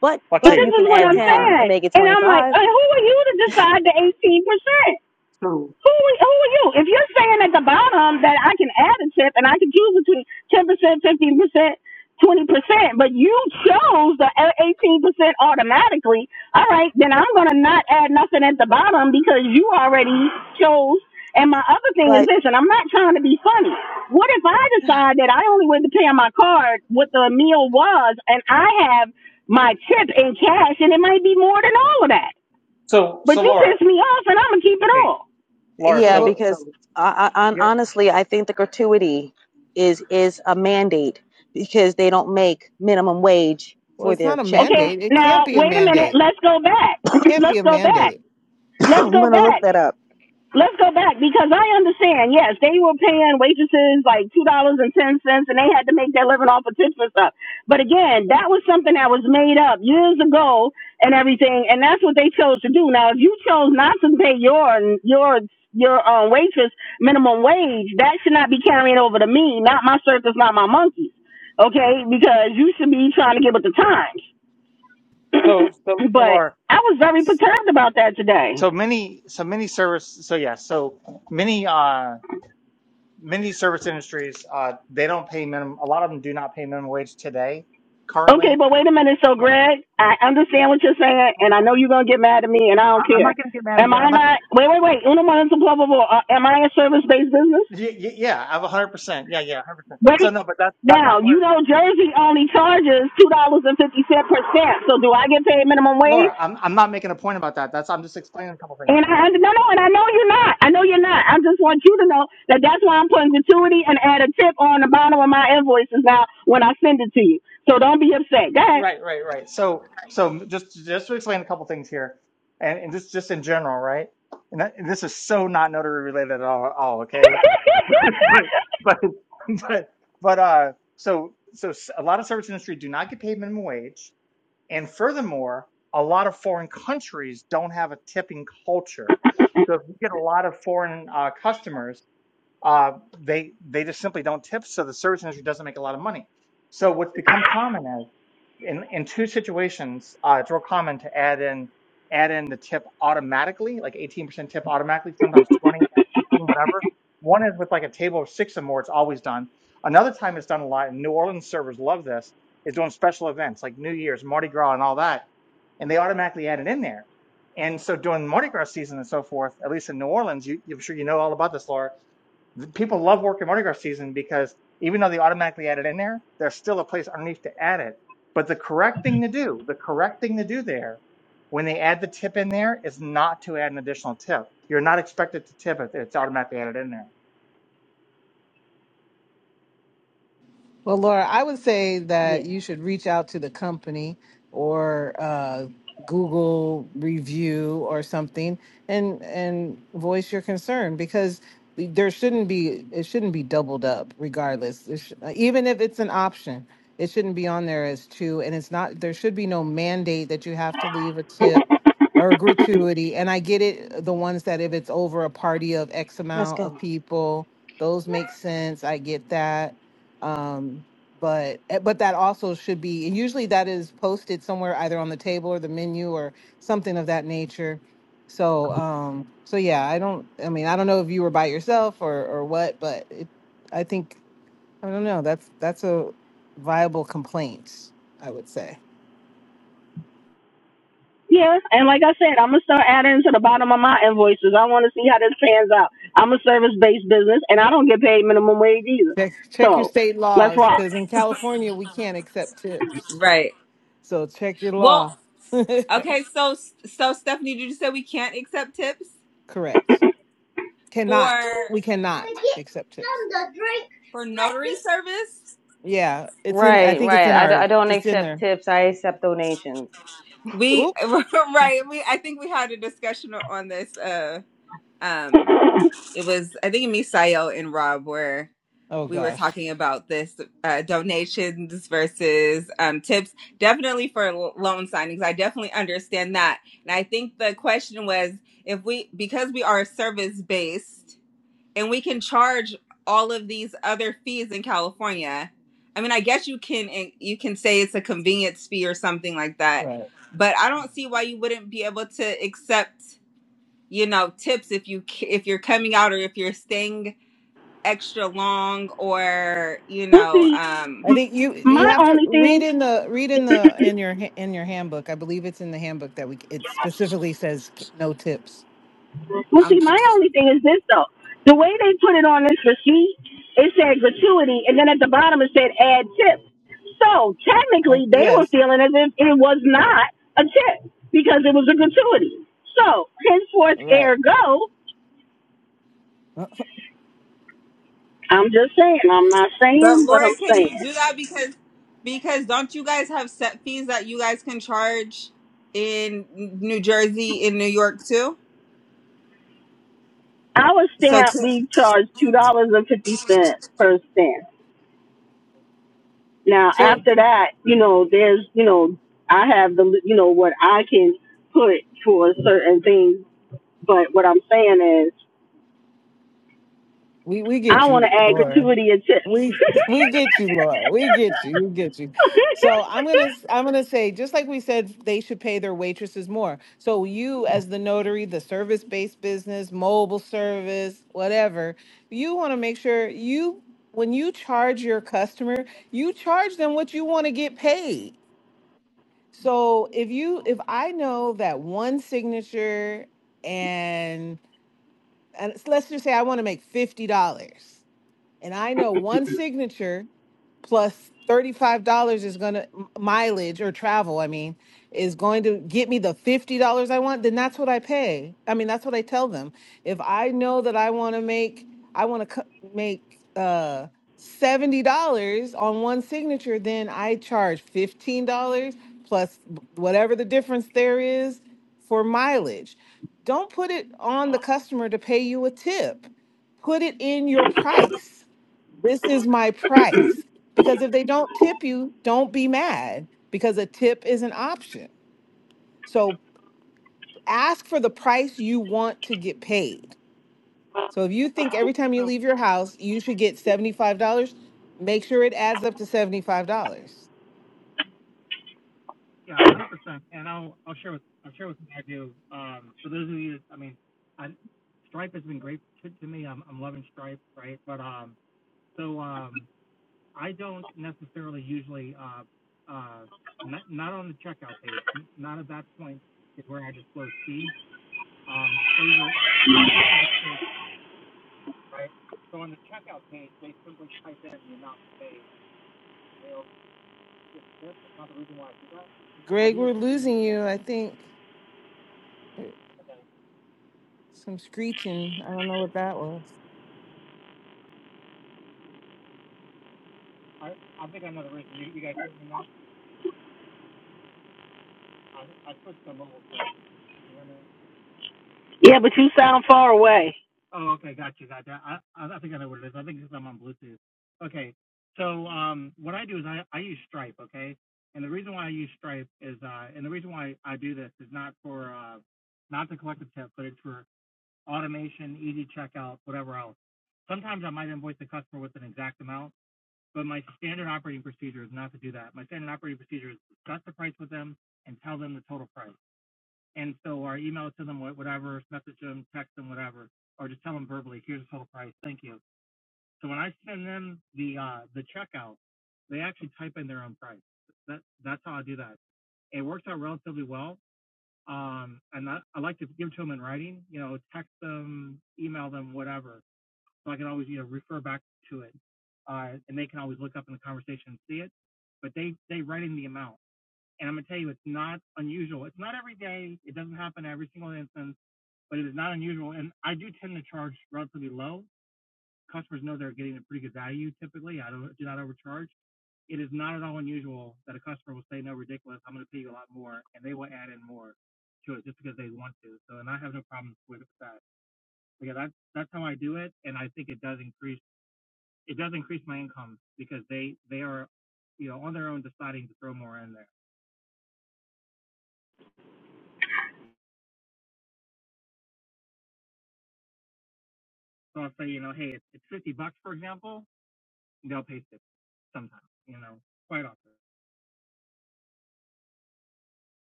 But,
I'll
but
tell
but
this
you
you.
is
can
what
add
I'm
Going
10
on.
and
saying,
make it
and I'm like,
25.
uh, who are you to decide the eighteen percent?
So
Who who are you? If you're saying at the bottom that I can add a tip and I can choose between ten percent, fifteen percent, twenty percent, but you chose the eighteen percent automatically, all right, then I'm gonna not add nothing at the bottom because you already chose. And my other thing is
But
this, and I'm not trying to be funny. What if I decide that I only went to pay on my card what the meal was, and I have my tip in cash, and it might be more than all of that,
so
but
so
you
Laura.
pissed me off, and I'm gonna keep it
Okay,
all.
Laura.
So,
yeah,
So
what,
so
because I, I,
yeah.
honestly, I think the gratuity is, is a mandate because they don't make minimum wage
well,
for
it's
their
not a
check.
Okay,
mandate. It can't
now
be a
wait a minute.
mandate.
Let's go back.
Can't
Let's
be a
go back.
mandate.
Let's
I'm
go
going to look
back.
that up.
Let's go back because I understand. Yes, they were paying waitresses like two dollars and ten cents, and they had to make their living off of tips and stuff. But again, that was something that was made up years ago and everything, and that's what they chose to do. Now, if you chose not to pay your your your um, waitress minimum wage, that should not be carrying over to me, not my circus, not my monkeys. Okay, because you should be trying to get with the times.
So so so
but
Laura.
I was very perturbed about that today.
So many so many service. So yeah. So many. Uh. many service industries uh, they don't pay minimum a lot of them do not pay minimum wage today
Okay,
currently
but wait a minute. So,
yeah.
Greg, I understand what you're saying,
I-
and I know you're gonna get mad at me, and I don't
i'm
care.
not going to get mad at
Am
you
I
i'm not
not? Wait, wait, wait. Uno momento, blah blah blah. Uh, am I a service-based business?
gonna, yeah, yeah yeah, i'm 100% yeah yeah 100% so
Wait.
no but that's that's
Now
not where
you know Jersey only charges two dollars and fifty cent per stamp. So do I get paid minimum wage?
laura i'm, I'm not making a point about that that's i'm just explaining a couple things
And I under, no, no, and I know you're not. I know you're not. I just want you to know that that's why I'm putting gratuity and add a tip on the bottom of my invoices now when I send it to you. So don't be upset. Go ahead.
right right right so so just just to explain a couple things here and, and this just in general right and, that, and this is so not notary related at all, at all okay but but but but uh so so a lot of service industry do not get paid minimum wage and furthermore a lot of foreign countries don't have a tipping culture so if you get a lot of foreign uh, customers uh, they they just simply don't tip, so the service industry doesn't make a lot of money. So what's become common is in in two situations, uh, it's real common to add in add in the tip automatically, like 18% tip automatically, sometimes 20, 16, whatever. One is with like a table of six or more, it's always done. Another time it's done a lot, and New Orleans servers love this, is doing special events like New Year's, Mardi Gras, and all that, and they automatically add it in there. And so during Mardi Gras season and so forth, at least in New Orleans, you, I'm sure you know all about this, Laura people love working Mardi Gras season because even though they automatically add it in there, there's still a place underneath to add it. But the correct thing to do, the correct thing to do there, when they add the tip in there, is not to add an additional tip. You're not expected to tip it; it's automatically added in there.
Well, Laura, I would say
Yeah.
that you should reach out to the company or uh, Google review or something, and and voice your concern because there shouldn't be it shouldn't be doubled up regardless. It sh- even if it's an option, it shouldn't be on there as two, and it's not. There should be no mandate that you have to leave a tip or gratuity. And I get it, the ones that if it's over a party of X
Let's
amount
go.
of people, those make sense. I get that um but eh, but that also should be and usually that is posted somewhere either on the table or the menu or something of that nature so um so yeah i don't i mean i don't know if you were by yourself or or what but it, i think i don't know that's that's a viable complaint i would say
yeah, and like I said, I'm gonna start adding to the bottom of my invoices. I want to see how this pans out. I'm a service-based business, and I don't get paid minimum wage either.
check check your
So
state
let's
laws
rock.
because in california we can't accept tips
Right.
so check your
Well,
law
okay, so so Stephanie, did you say we can't accept tips
correct
for
cannot we cannot accept tips
for notary service?
Yeah, it's in. I
Right,
think it's
right.
in
I, d- I
our.
don't
It's in
accept
there.
tips. I accept donations.
we
Oop.
right we i think we had a discussion on this uh um it was i think me, Sayo, and rob where
Oh
we were
gosh.
talking about this uh donations versus um tips definitely for l- loan signings i definitely understand that and i think the question was if we because we are service based and we can charge all of these other fees in California. I mean, I guess you can eh, you can say it's a convenience fee or something like that,
Right.
but I don't see why you wouldn't be able to accept you know tips if you ca- if you're coming out or if you're staying extra long or you
We'll
know
see.
I
um
think you you
My
have to
only thing
read in the read in the in your ha- in your handbook. I believe it's in the handbook that we it specifically says c- no tips.
Well, see,
um
my only thing is this though: the way they put it on this receipt, it said gratuity, and then at the bottom it said add tip. So
I,
technically, they were
yes.
feeling as if it was not a tip because it was a gratuity. So henceforth,
Right.
ergo, I'm just saying. I'm not
but
saying, but
Laura
I'm
can you
saying.
do that because because don't you guys have set fees that you guys can charge in New Jersey in New York too
Our
so
stamp, we charge two dollars and fifty cents per stamp. Now
So
after that, you know, there's, you know, I have the, you know, what I can put for certain things But what I'm saying is,
We we
I
get
want to
you,
add
Laura.
gratuity and tips.
We we get you, Laura. We get you. We get you. So I'm gonna I'm gonna say just like we said, they should pay their waitresses more. So you, as the notary, the service based business, mobile service, whatever, you want to make sure you when you charge your customer, you charge them what you want to get paid. So if you if I know that one signature and and let's just say I want to make fifty dollars and I know one signature plus $35 is going to mileage or travel, I mean, is going to get me the $50 I want, then that's what I pay. I mean, that's what I tell them. If I know that I want to make I want to co- make uh $70 on one signature, then I charge $15 plus b- whatever the difference there is for mileage. Don't put it on the customer to pay you a tip. Put it in your price this is my price. Because if they don't tip you, don't be mad because a tip is an option. So ask for the price you want to get paid. So if you think every time you leave your house, you should get $75, make sure it adds up to $75. Greg, we're losing you. I think some screeching. I don't know what that was.
yeah, but you sound far away,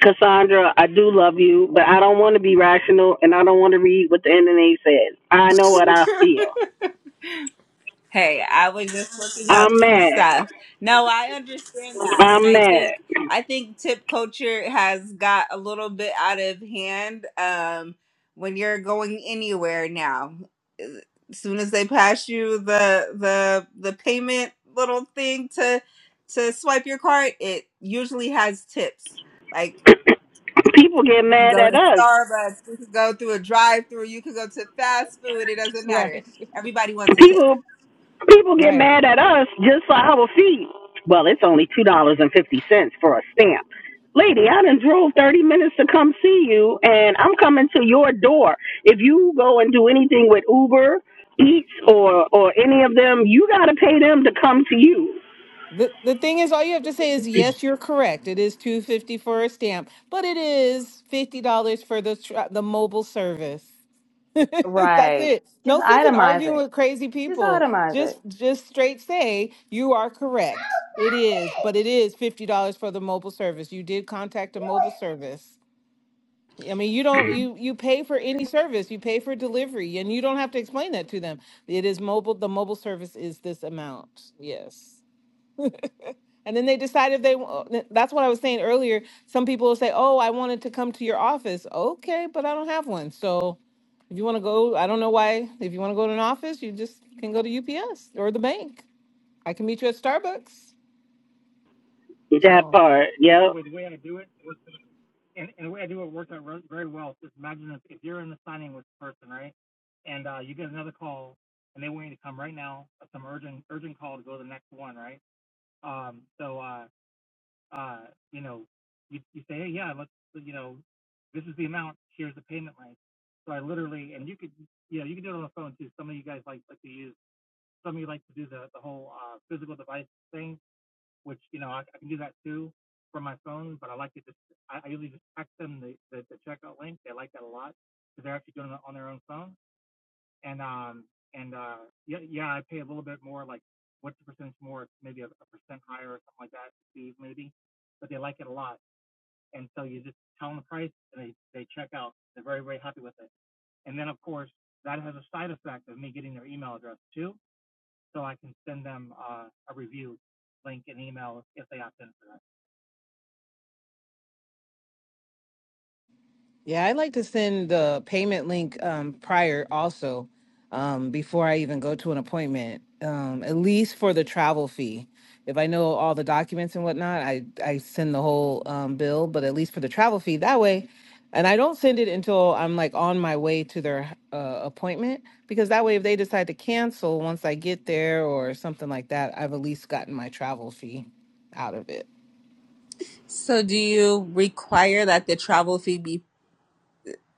Cassandra. I do love you, but I don't want to be rational, and I don't want to read what the NNA says. I know what I feel.
Hey, I was just looking up
I'm
some
mad.
stuff. No, I understand that. And
I'm
I
mad.
think I think tip culture has got a little bit out of hand um when you're going anywhere now. As soon as they pass you the the the payment little thing to to swipe your card, it usually has tips. Like
People get
you can
mad
go
at
to
us.
Starbucks, you can go through a drive-through, you can go to fast food, it doesn't matter.
Right,
Everybody wants a tip.
People People get
right.
mad at us just for our fee. Well, it's only two dollars and fifty cents for a stamp. Lady, I done drove thirty minutes to come see you and I'm coming to your door. If you go and do anything with Uber, Eats or or any of them, you gotta pay them to come to you.
The the thing is, all you have to say is yes, you're correct. It is two fifty for a stamp, but it is fifty dollars for the tra- the mobile service. That's
Right.
it.
Just
No sense in
itemize
arguing
it.
with crazy
Just
people.
itemize it.
Just just straight say you are correct. It is, but it is fifty dollars for the mobile service. You did contact a mobile service. I mean, you don't you you pay for any service. You pay for delivery, and you don't have to explain that to them. It is mobile. The mobile service is this amount. Yes. And then they decide if they That's what I was saying earlier. Some people will say, "Oh, I wanted to come to your office." Okay, but I don't have one. So, if you want to go, I don't know why. If you want to go to an office, you just can go to UPS or the bank. I can meet you at Starbucks.
That
So.
part, yep.
Yeah, I like to send the payment link um, prior also um, before I even go to an appointment, um, at least for the travel fee. If I know all the documents and whatnot, I, I send the whole um, bill, but at least for the travel fee that way. And I don't send it until I'm like on my way to their uh, appointment because that way, if they decide to cancel once I get there or something like that, I've at least gotten my travel fee out of it.
So do you require that the travel fee be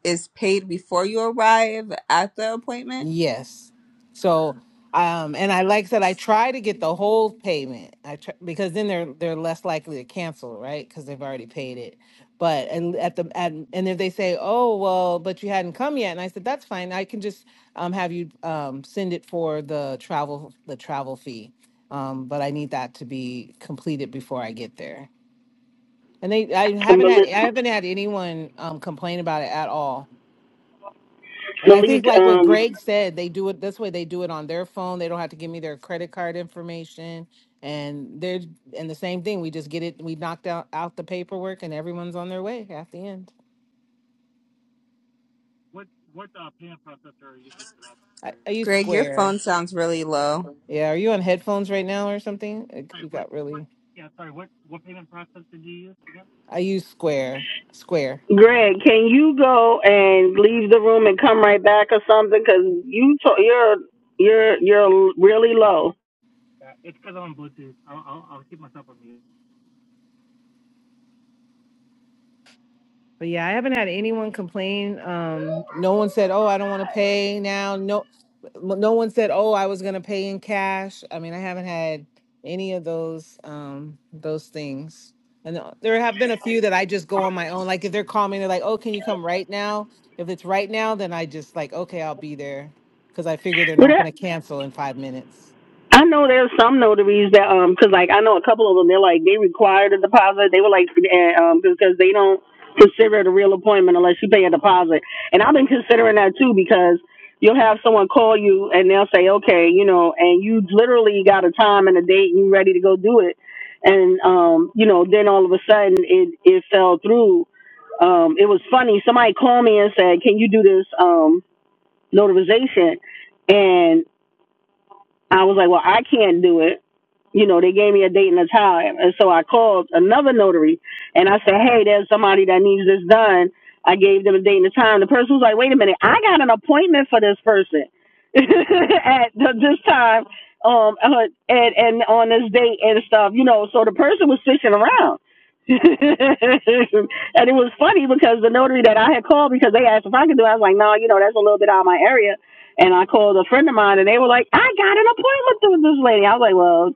is paid before you arrive at the appointment?
Yes. So, um, and I like that I try to get the whole payment. I try, because then they're they're less likely to cancel, right? Because they've already paid it. But and at the at, and if they say, oh well, but you hadn't come yet, and I said that's fine. I can just um, have you um, send it for the travel the travel fee. Um, but I need that to be completed before I get there. And they, I haven't had
Malik,
I haven't had anyone um, complain about it at all and I
Malik,
think like what
um,
Greg said, they do it this way. They do it on their phone. They don't have to give me their credit card information. And they're and the same thing. We just get it. We knocked out out the paperwork, and everyone's on their way at the end. I, I use
Greg, your
Square.
phone sounds really low.
Yeah, are you on headphones right now or something? Like, You got really. I use Square. Square.
Greg, can you go and leave the room and come right back or something? Cause you to- you're you're you're really low.
But yeah, I haven't had anyone complain. Um, no one said, "Oh, I don't want to pay now." No, no one said, "Oh, I was gonna pay in cash." I mean, I haven't had any of those um those things. And uh, there have been a few that I just go on my own. Like if they're calling me, they're like, "Oh, can you come right now?" If it's right now, then I just like, "Okay, I'll be there," because I figure they're
What?
not
up?
gonna cancel in five minutes.
I know there's some notaries that um, cause like I know a couple of them they're like they required a deposit. They were like and, um because they don't consider it a real appointment unless you pay a deposit. And I've been considering that too because you'll have someone call you and they'll say okay, you know, and you literally got a time and a date and you are ready to go do it. And um you know then all of a sudden it it fell through. Um it was funny. Somebody called me and said, "Can you do this um notarization?" And I was like, well, I can't do it. You know, they gave me a date and a time. And so I called another notary and I said, hey, there's somebody that needs this done. I gave them a date and a time. The person was like, wait a minute, I got an appointment for this person at the, this time um, uh, and, and on this date and stuff, you know. So the person was fishing around. and it was funny because the notary that I had called because they asked if I could do it, I was like, no, you know, that's a little bit out of my area. And I called a friend of mine, and they were like, "I got an appointment with this lady." I was like, "Well,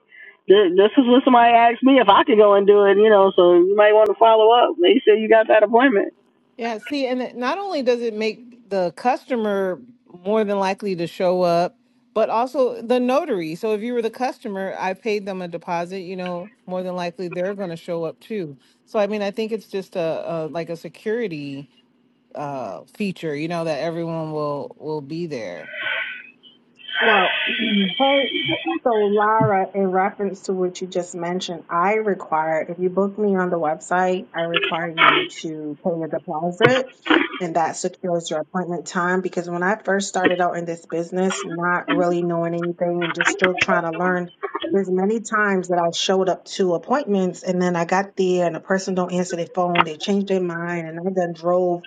th- this is what somebody asked me if I could go and do it, you know. So you might want to follow up." They said you got that appointment.
Yeah, see, and it, not only does it make the customer more than likely to show up, but also the notary. So if you were the customer, I paid them a deposit, you know, more than likely they're going to show up too. So I mean, I think it's just a, a like a security uh feature, you know, that everyone will will be there.
Well, hey, So, Lara, in reference to what you just mentioned, I require, if you book me on the website, I require you to pay a deposit and that secures your appointment time. Because when I first started out in this business, not really knowing anything and just still trying to learn, there's many times that I showed up to appointments and then I got there and the person don't answer their phone, they changed their mind, and I then drove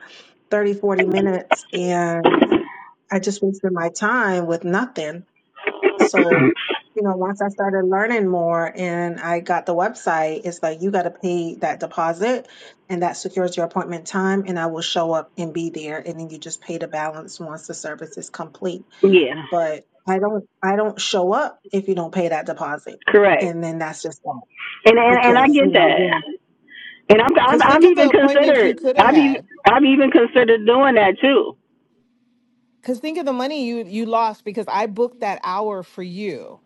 30, 40 minutes and I just wasted my time with nothing. So, you know, once I started learning more and I got the website, it's like you got to pay that deposit and that secures your appointment time and I will show up and be there and then you just pay the balance once the service is complete.
Yeah,
But I don't I don't show up if you don't pay that deposit.
correct.
And then that's just that
And and, and I
because, you
get that.
know,
And I'm, I'm
Cuz
I've
think of the
even
appointments you
considered
could have
I've even
had.
I've even considered doing that too.
Cuz think of the money you you lost because I booked that hour for you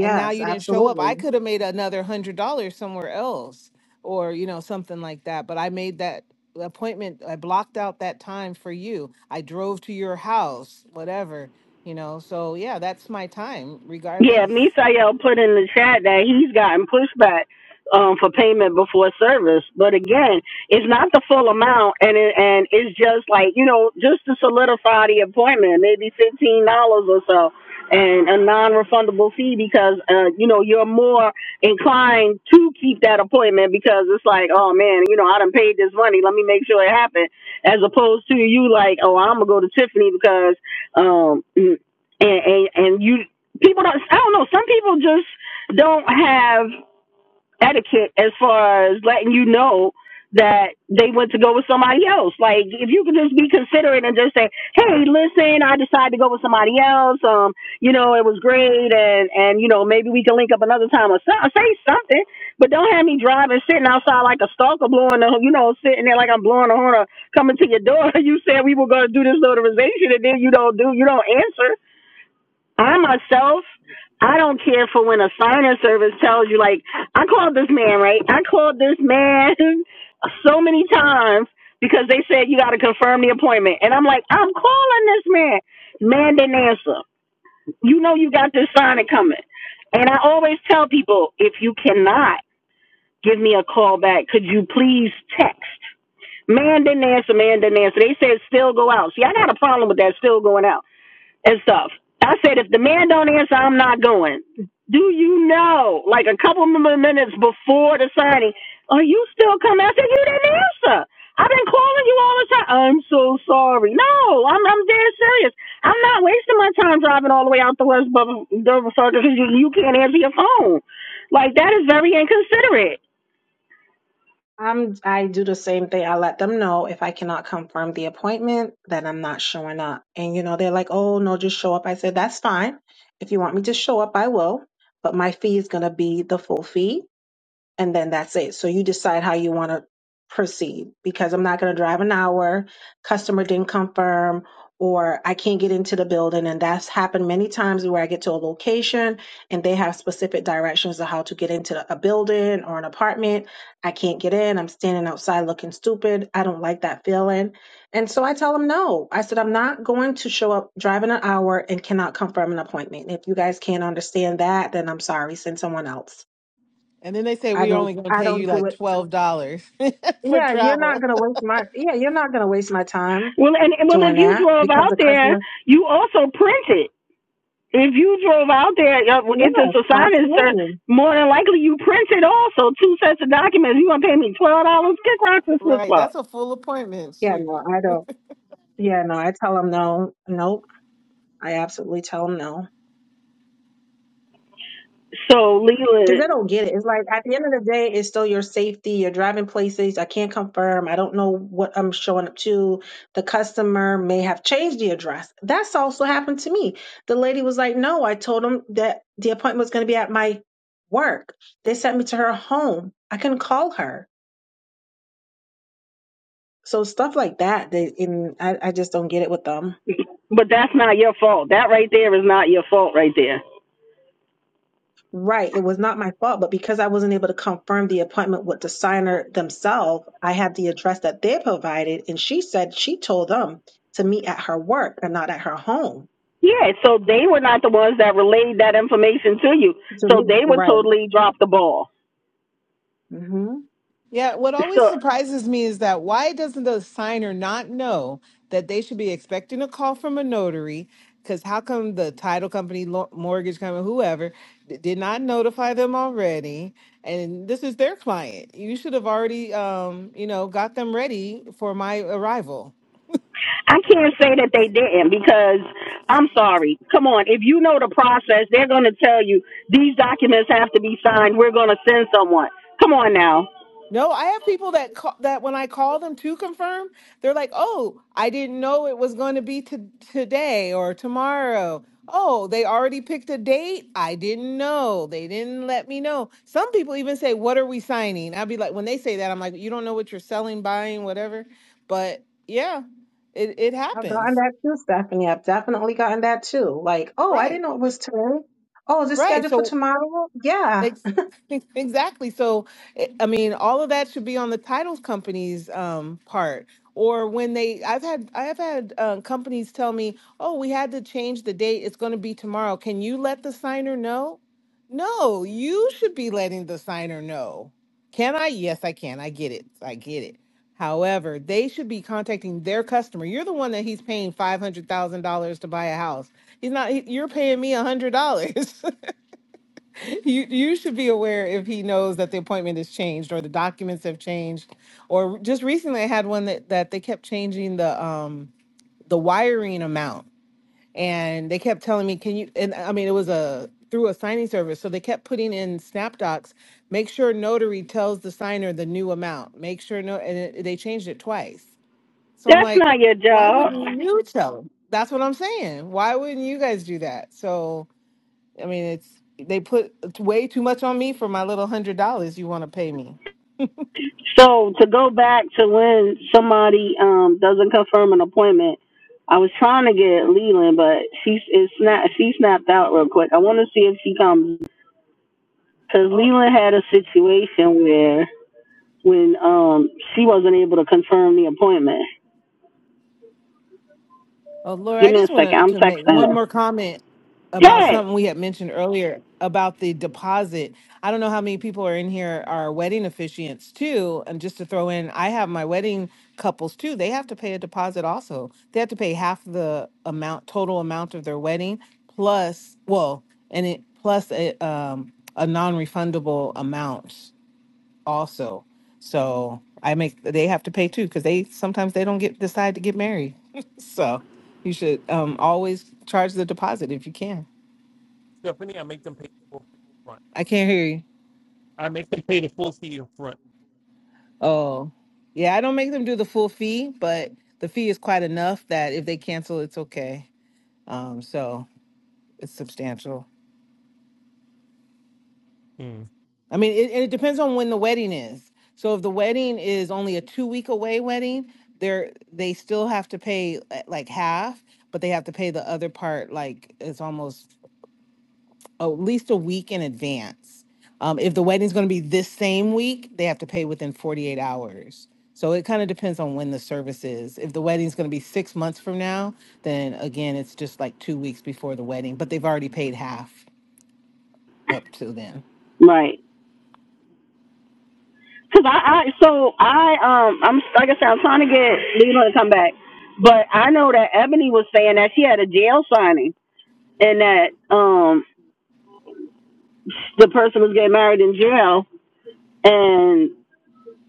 and now
yes,
you didn't show up
absolutely.
i could have made another hundred dollars somewhere else or you know something like that but i made that appointment i blocked out that time for you i drove to your house whatever you know so yeah that's my time
Yeah,
regardless
Misael put in the chat that he's gotten pushback um, for payment before service, but again, it's not the full amount, and it, and it's just like you know, just to solidify the appointment, maybe fifteen dollars or so, and a non-refundable fee because uh, you know you're more inclined to keep that appointment because it's like, oh man, you know, I done paid this money, let me make sure it happened, as opposed to you like, oh, I'm gonna go to Tiffany because um, and, and and you people don't I don't know, some people just don't have etiquette as far as letting you know that they went to go with somebody else. Like if you could just be considerate and just say, Hey, listen, I decided to go with somebody else. Um, you know, it was great and, and you know, maybe we can link up another time or so, say something. But don't have me driving, sitting outside like a stalker blowing the you know, sitting there like I'm blowing a horn or coming to your door. You said we were gonna do this notarization and then you don't do you don't answer. I myself, I don't care for when a signing service tells you, like, I called this man, right? I called this man so many times because they said you got to confirm the appointment. And I'm like, I'm calling this man. Man didn't answer. You know you got this signing coming. And I always tell people, if you cannot give me a call back, could you please text? Man didn't answer, man didn't answer. They said still go out. See, I got a problem with that still going out and stuff. I said, if the man don't answer, I'm not going. Do you know, like a couple of minutes before the signing, are you still coming? I said, you didn't answer. I've been calling you all the time. I'm so sorry. No, I'm I'm dead serious. I'm not wasting my time driving all the way out the West Bubba because you, you can't answer your phone. Like that is very inconsiderate.
I'm I do the same thing. I let them know if I cannot confirm the appointment that I'm not showing up. And you know, they're like, "Oh, no, just show up." I said, "That's fine. If you want me to show up, I will, but my fee is going to be the full fee and then that's it. So you decide how you want to proceed because I'm not going to drive an hour, customer didn't confirm, or I can't get into the building. And that's happened many times where I get to a location and they have specific directions of how to get into a building or an apartment. I can't get in. I'm standing outside looking stupid. I don't like that feeling. And so I tell them no. I said, I'm not going to show up driving an hour and cannot confirm an appointment. And If you guys can't understand that, then I'm sorry, send someone else
and then they say
I
we're
don't
only going to
I
pay you
don't do
like
it.
$12 for
Yeah, you're not
travel
gonna waste my yeah, you're not gonna waste my time
Well, and- well,
doing
if you
that
drove
because
out
the
there,
customer
you also printed. If you drove out there, uh, if
Yes,
it's a sign insert,
absolutely.
more than likely you printed also two sets of documents. You want to pay me twelve dollars? Kick rocks and flip
right
flop.
that's a full appointment
Yeah,
shoot
no, I don't yeah, no, I tell them no, nope. I absolutely tell them no.
So
Because I
Leland,
don't get it. It's like at the end of the day, it's still your safety. You're driving places. I can't confirm. I don't know what I'm showing up to. The customer may have changed the address. That's also happened to me. The lady was like, No, I told them that the appointment was going to be at my work. They sent me to her home. I couldn't call her. So stuff like that, they and I, I just don't get it with them.
but that's not your fault. That right there is not your fault right there.
Right. It was not my fault, but because I wasn't able to confirm the appointment with the signer themselves, I had the address that they provided, and she said she told them to meet at her work and not at her home.
Yeah, so they were not the ones that relayed that information to you.
To
So
me,
they were
right.
totally dropped the ball.
hmm
Yeah, what always
So
surprises me is that why doesn't the signer not know that they should be expecting a call from a notary? Because how come the title company, lo- mortgage company, whoever d- did not notify them already? And this is their client. You should have already, um, you know, got them ready for my arrival.
I can't say that they didn't because I'm sorry. Come on, if you know the process, they're going to tell you these documents have to be signed. We're going to send someone. Come on now.
No, I have people that call, that when I call them to confirm, they're like, "Oh, I didn't know it was going to be to today or tomorrow." Oh, they already picked a date. I didn't know. They didn't let me know. Some people even say, "What are we signing?" I'd be like, when they say that, I'm like, "You don't know what you're selling, buying, whatever." But yeah, it it
I've gotten
happens.
that too, Stephanie. I've definitely gotten that too. Like, oh, I didn't
Right.
know it was today. Oh, is it
Right.
scheduled for
So
tomorrow? Yeah.
Ex- Exactly. So, I I mean, all of that should be on the title company's um, part. Or when they, I've had, I have had uh, companies tell me, "Oh, we had to change the date. It's going to be tomorrow. Can you let the signer know?" No, you should be letting the signer know. Can I? Yes, I can. I get it. I get it. However, they should be contacting their customer. You're the one that he's paying five hundred thousand dollars to buy a house. He's not. he- You're paying me a hundred dollars. You you should be aware if he knows that the appointment has changed or the documents have changed, or just recently I had one that that they kept changing the um the wiring amount and they kept telling me can you and I mean it was a through a signing service so they kept putting in snap docs make sure notary tells the signer the new amount make sure no and it, they changed it twice so I'm
That's
like
not your
why
job.
wouldn't you tell them that's what I'm saying why wouldn't you guys do that so I mean, it's they put way too much on me for my little hundred dollars you want to pay me.
So to go back to when somebody um doesn't confirm an appointment, I was trying to get Leland, but she it's not she snapped out real quick. I want to see if she comes because Leland had a situation where when um she wasn't able to confirm the appointment.
Oh Lord,
Give
I
me a
just want
second. I'm
to to make
texting
one
her.
more comment about
Hey,
something we had mentioned earlier about the deposit. I don't know how many people are in here are wedding officiants too. And just to throw in, I have my wedding couples too. They have to pay a deposit also. They have to pay half the amount total amount of their wedding plus well, and it plus a um a non-refundable amount also. So I make they have to pay too because they sometimes they don't get decide to get married. so you should um always charge the deposit if you can.
Stephanie, I make them pay for free.
I can't hear you.
I make you a front.
Oh, yeah, I don't make them do the full fee, but the fee is quite enough that if they cancel, it's okay. Um, so it's substantial.
Mm.
I mean, it, and it depends on when the wedding is. So if the wedding is only a two week away wedding, they're they still have to pay uh, like half, but they have to pay the other part like it's almost at least a week in advance. Um, if the wedding's going to be this same week, they have to pay within 48 hours. So it kind of depends on when the service is. If the wedding's going to be six months from now, then again, it's just like two weeks before the wedding, but they've already paid half up to then.
right. Cause I, I so I um I'm like I said I'm trying to get Leland to come back, but I know that Ebony was saying that she had a jail signing. and that um the person was getting married in jail and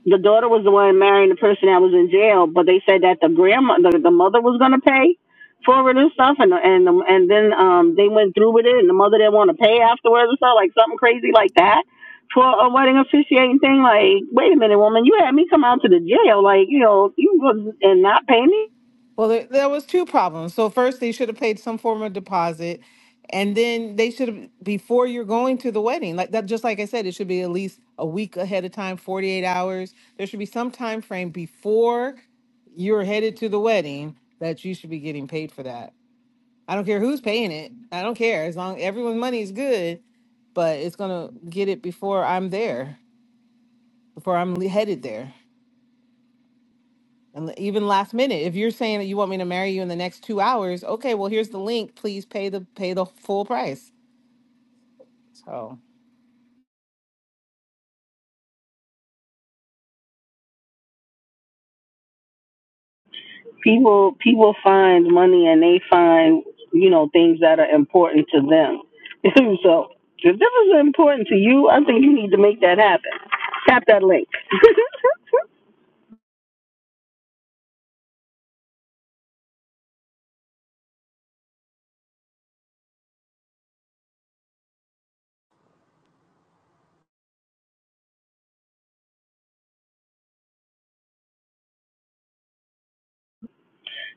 the daughter was the one marrying the person that was in jail but they said that the grandma the, the mother was going to pay for it and stuff and and and then um they went through with it and the mother didn't want to pay afterwards and stuff like something crazy like that for a wedding officiating thing like wait a minute woman you had me come out to the jail like you know you was and not pay me
Well, there, there was two problems. So first, they should have paid some form of deposit, and then they should have before you're going to the wedding, like that. Just like I said, it should be at least a week ahead of time, 48 hours. There should be some time frame before you're headed to the wedding that you should be getting paid for that. I don't care who's paying it. I don't care as long everyone's money is good, but it's gonna get it before I'm there, before I'm le- headed there. And even last minute, if you're saying that you want me to marry you in the next two hours, okay, well here's the link. Please pay the pay the full price. So.
people people find money and they find you know things that are important to them. so if this is important to you, I think you need to make that happen. Tap that link.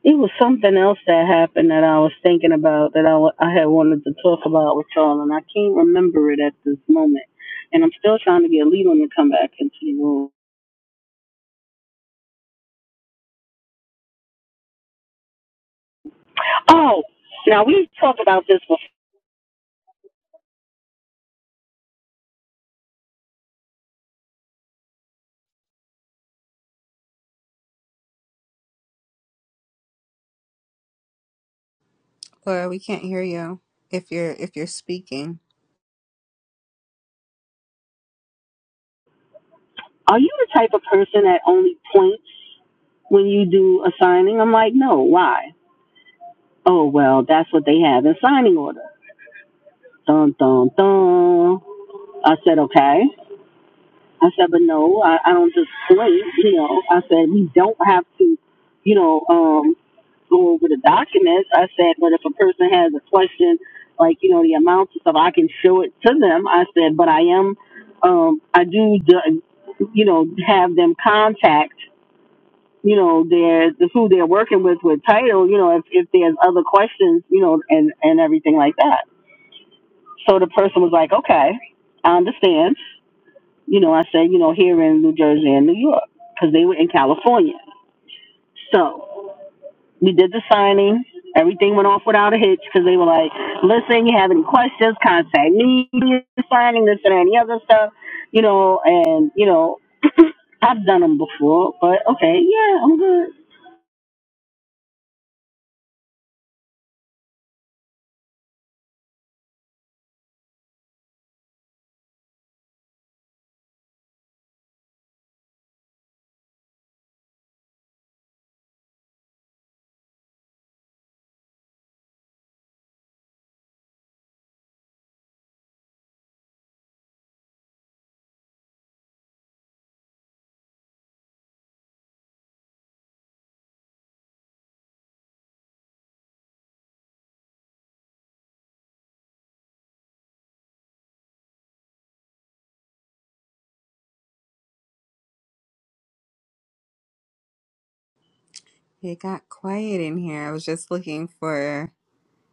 it was something else that happened that I was thinking about that I, w- I had wanted to talk about with y'all, and I can't remember it at this moment. And I'm still trying to get Leland to come back into the room. Oh, now we've talked about this before.
Or we can't hear you if you're if you're speaking.
are you the type of person that only points when you do a signing? I'm like, no, why? Oh, well, that's what they have in signing order. Dun, dun, dun. I said, okay. I said, but no, I, I don't just point, you know. I said, we don't have to, you know, um, go over the documents. I said, but if a person has a question, like, you know, the amounts and stuff, I can show it to them. I said, but I am, um, I do, do- you know, have them contact you know, their the who they're working with with title, you know, if, if there's other questions, you know, and, and everything like that. So the person was like, okay, I understand. You know, I said, you know, here in New Jersey and New York, because they were in California. So we did the signing. Everything went off without a hitch because they were like, listen, you have any questions, contact me, signing this and any other stuff, you know, and, you know, I've done them before, but okay, yeah, I'm good.
It got quiet in here. I was just looking for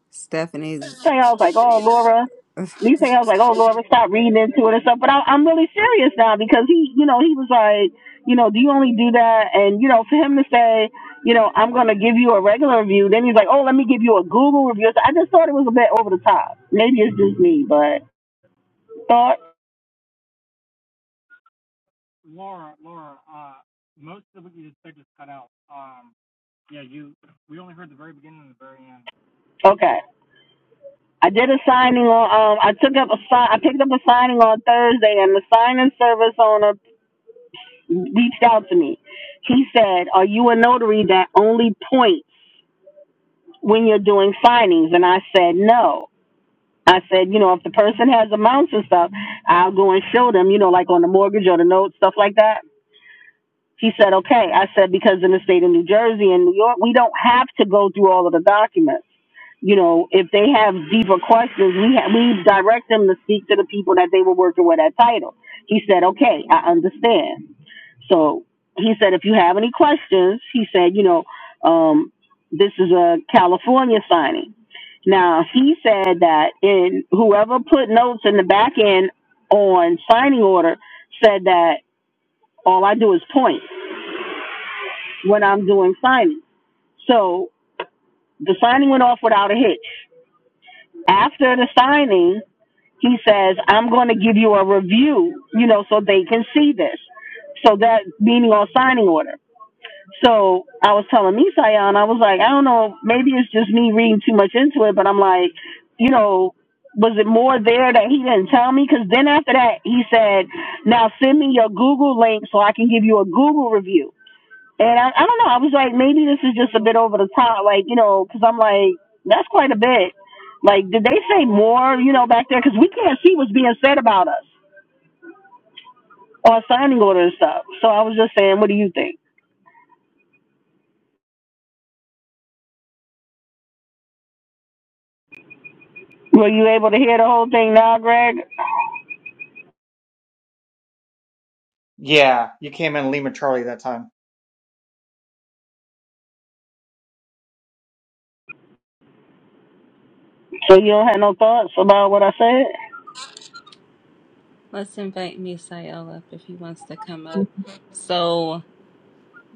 Stephanie's
thing I was like, oh, Laura. These thing I was like, oh, Laura, stop reading into it and stuff. But I, I'm really serious now because he, you know, he was like, you know, do you only do that? And, you know, for him to say, you know, I'm going to give you a regular review, then he's like, oh, let me give you a Google review. So I just thought it was a bit over the top. Maybe it's just me, but thought, okay. I did a signing on, um, I took up a sign, I picked up a signing on Thursday and the signing service owner reached out to me. He said, are you a notary that only points? when you're doing signings? And I said, no. I said, you know, if the person has amounts and stuff, I'll go and show them, you know, like on the mortgage or the note, stuff like that. He said, okay. I said, because in the state of New Jersey and New York, we don't have to go through all of the documents. You know, if they have deeper questions, we, ha- we direct them to speak to the people that they were working with at title. He said, okay, I understand. So he said, if you have any questions, he said, you know, um, this is a California signing. Now he said that in whoever put notes in the back end on signing order said that all I do is point when I'm doing signing. So the signing went off without a hitch. After the signing, he says, I'm going to give you a review, you know, so they can see this. So that meaning on signing order. So I was telling Misayan, I was like, I don't know, maybe it's just me reading too much into it, but I'm like, you know, was it more there that he didn't tell me? Because then after that, he said, now send me your Google link so I can give you a Google review. And I, I don't know. I was like, maybe this is just a bit over the top, like you know, because I'm like, that's quite a bit. Like, did they say more, you know, back there? Because we can't see what's being said about us on signing order and stuff. So I was just saying, what do you think? Were you able to hear the whole thing now, Greg?
Yeah, you came in Lima Charlie that time.
So you don't have no thoughts about what I
Let's invite Misael up if he wants to come up. So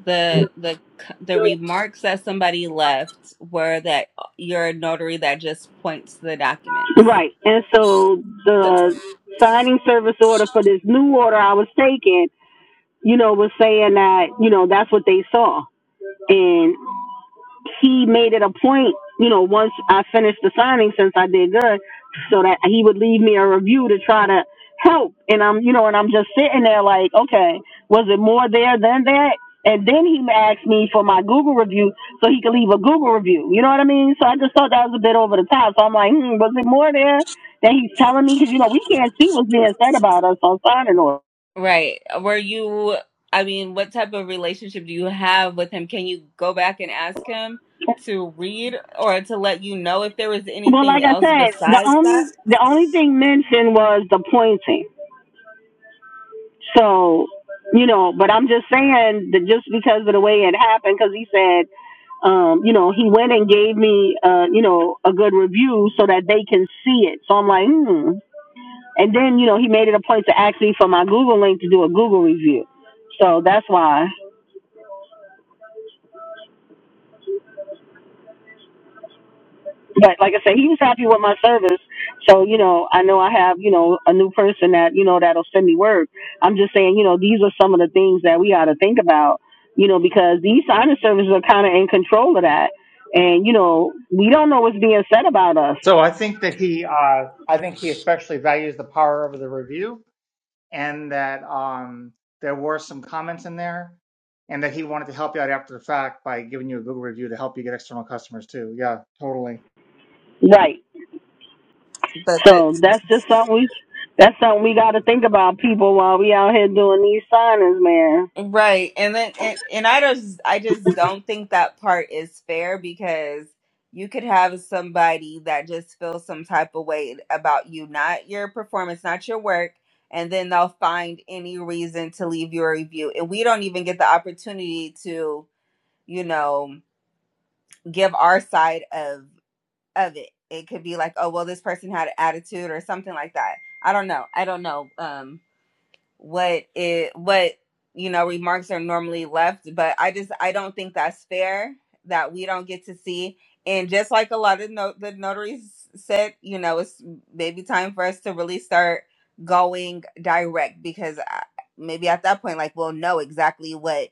the the the
said?
remarks that somebody left were that you're a notary that just points to the documents.
Right. And so
So,
the signing service order for this new order I was taking, you know, was saying that, you know, that's what they saw. And he made it a point, you know, once I finished the signing, since I did good, so that he would leave me a review to try to help. And I'm, you know, and I'm just sitting there like, okay, was it more there than that? And then he asked me for my Google review so he could leave a Google review. You know what I mean? So I just thought that was a bit over the top. So I'm like, hmm, was it more there that he's telling me? Because, you know, we can't see what's being said about us on signing order.
Right. Were you, I mean, what type of relationship do you have with him? Can you go back and ask him to read or to let you know if there was
Well, like
anything
I
else
said, the
besides that?
only the only thing mentioned was the pointing. So, you know, but I'm just saying that just because of the way it happened, because he said, um, you know, he went and gave me, uh, you know, a good review so that they can see it. So I'm like, hmm. And then, you know, he made it a point to ask me for my Google link to do a Google review. So that's why. but like I said, he was happy with my service. So, you know, I know I have, you know, a new person that, you know, that'll send me work. I'm just saying, you know, these are some of the things that we ought to think about, you know, because these signing services are kind of in control of that. And, you know, we don't know what's being said about us.
So I think that he, uh, I think he especially values the power of the review and that um, there were some comments in there, and that he wanted to help you out after the fact by giving you a Google review to help you get external customers too. Yeah, totally.
Right.
But the,
So that's just something we, that's something we got to think about people while we out here doing these signings, man.
right. And then, and, and I just, I just don't think that part is fair because you could have somebody that just feels some type of way about you, not your performance, not your work. And then they'll find any reason to leave you a review. And we don't even get the opportunity to you know, give our side of of it. It could be like, oh well, this person had an attitude or something like that. I don't know. I don't know. Um, what it what you know remarks are normally left but i just i don't think that's fair that we don't get to see and just like a lot of no, the notaries said you know it's maybe time for us to really start going direct because I, maybe at that point like we'll know exactly what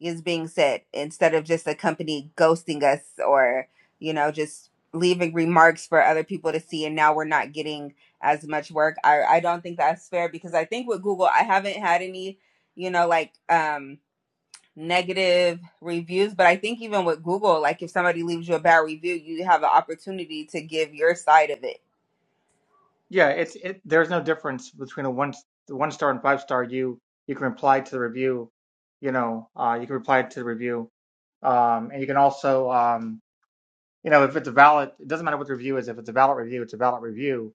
is being said instead of just a company ghosting us or you know just leaving remarks for other people to see and now we're not getting as much work. I, I don't think that's fair because I think with Google, I haven't had any, you know, like um, negative reviews. But I think even with Google, like if somebody leaves you a bad review, you have an opportunity to give your side of it.
Yeah, it's it. There's no difference between a one the one star and five star. You you can reply to the review. You know, uh, you can reply to the review, um, and you can also um, you know if it's a valid. It doesn't matter what the review is. If it's a valid review, it's a valid review.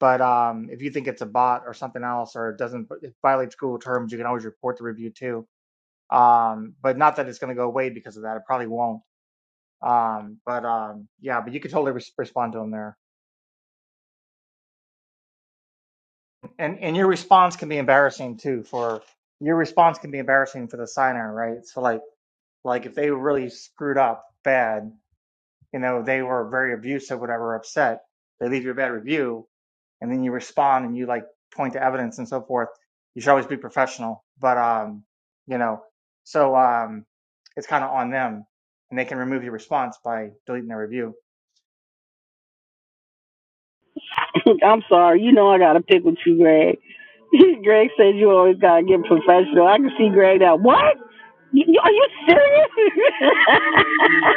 But um, if you think it's a bot or something else, or it doesn't it violates Google terms, you can always report the review too Um, but not that it's going to go away because of that. It probably won't. Um, but um, yeah, but you could totally res- respond to them there. And and your response can be embarrassing too. For your response can be embarrassing for the signer, right? So like like if they really screwed up bad, you know, they were very abusive, whatever, upset, they leave you a bad review, and then you respond and you like point to evidence and so forth. You should always be professional, but um, you know, so um, it's kind of on them, and they can remove your response by deleting their review.
I'm sorry. You know I gotta pick with you, Greg. Greg says you always gotta get professional. I can see Greg now. What? You, are you serious?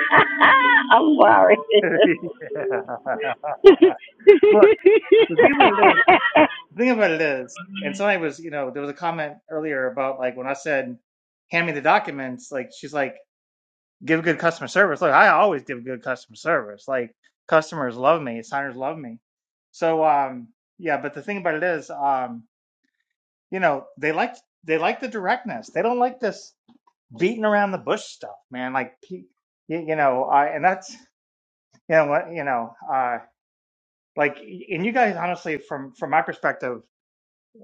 I'm sorry.
Yeah. Look, the thing about it is, the thing about it is, and somebody was, you know, there was a comment earlier about like when I said, "Hand me the documents," like she's like. give good customer service. Look, I always give good customer service. Like customers love me, signers love me. So um yeah, but the thing about it is um you know, they like they like the directness. They don't like this beating around the bush stuff, man. Like you, you know, I and that's you know what, you know, uh like and you guys honestly from from my perspective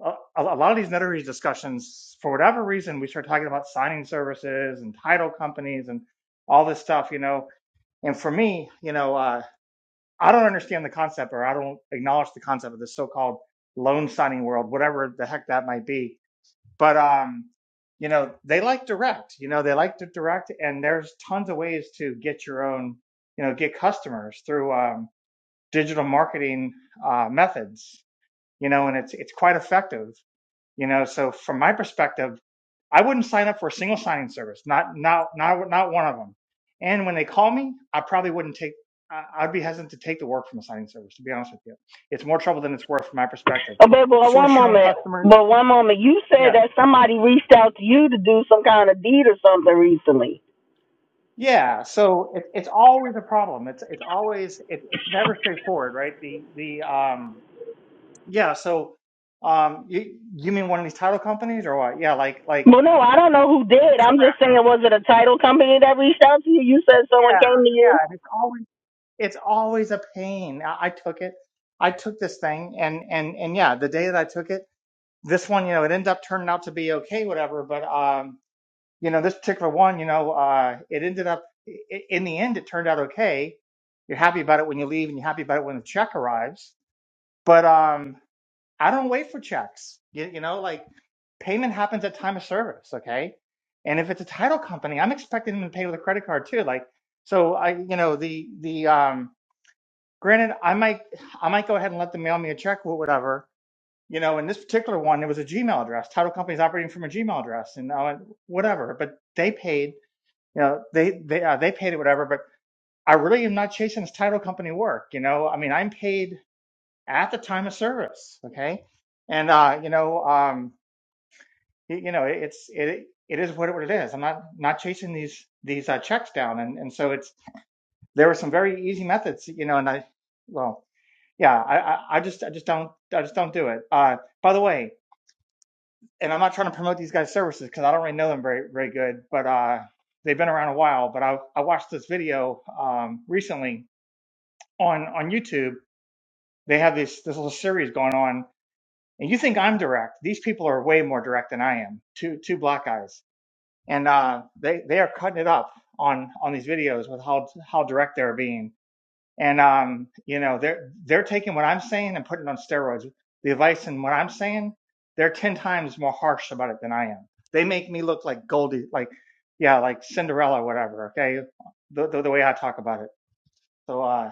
a, a lot of these notary discussions for whatever reason we start talking about signing services and title companies and all this stuff you know And for me, you know, uh, I don't understand the concept or I don't acknowledge the concept of the so called loan signing world, whatever the heck that might be. But, um, you know, they like direct, you know, they like to direct and there's tons of ways to get your own, you know, get customers through um, digital marketing uh, methods, you know, and it's, it's quite effective. You know, so from my perspective, I wouldn't sign up for a single signing service, not not not not one of them. And when they call me, I probably wouldn't take. I- I'd be hesitant to take the work from a signing service. To be honest with you, it's more trouble than it's worth from my perspective.
oh, but, but one
Source your own
moment,
customers.
but one moment. You said
Yeah,
that somebody reached out to you to do some kind of deed or something recently.
yeah. So it, it's always a problem. It's it's always it, it's never straightforward, right? The the um yeah. So um you you mean one of these title companies or what? Yeah, like like
Well, no, I don't know who did. I'm just saying, was it a title company that reached out to you? You said someone
yeah
came to you
yeah. And It's always it's always a pain. I, I took it. I took this thing and and and yeah, the day that I took it, this one, you know, it ended up turning out to be okay, whatever. But um, you know, this particular one, you know, uh, it ended up i- in the end, it turned out okay. You're happy about it when you leave, and you're happy about it when the check arrives. But um, I don't wait for checks. You, you know, like payment happens at time of service, okay? And if it's a title company, I'm expecting them to pay with a credit card too. Like, so I, you know, the the um Granted, I might I might go ahead and let them mail me a check or whatever. You know, in this particular one, it was a Gmail address. Title company's operating from a Gmail address, and I went, whatever. But they paid. You know, they they uh, they paid it whatever. But I really am not chasing this title company work. You know, I mean, I'm paid at the time of service. Okay, and uh, you know, um, y- you know, it's it it is what it what it is. I'm not not chasing these these uh, checks down, and and so it's there were some very easy methods. You know, and I well. Yeah, I, I, I just I just don't I just don't do it. Uh, by the way, and I'm not trying to promote these guys' services because I don't really know them very very good, but uh, they've been around a while. But I I watched this video um, recently on on YouTube. They have this this little series going on, and you think I'm direct? These people are way more direct than I am. Two two black guys, and uh, they they are cutting it up on on these videos with how how direct they're being And um, you know, they're they're taking what I'm saying and putting it on steroids. The advice and what I'm saying, they're ten times more harsh about it than I am. They make me look like Goldie, like yeah, like Cinderella, whatever. Okay, the the, the way I talk about it. So uh,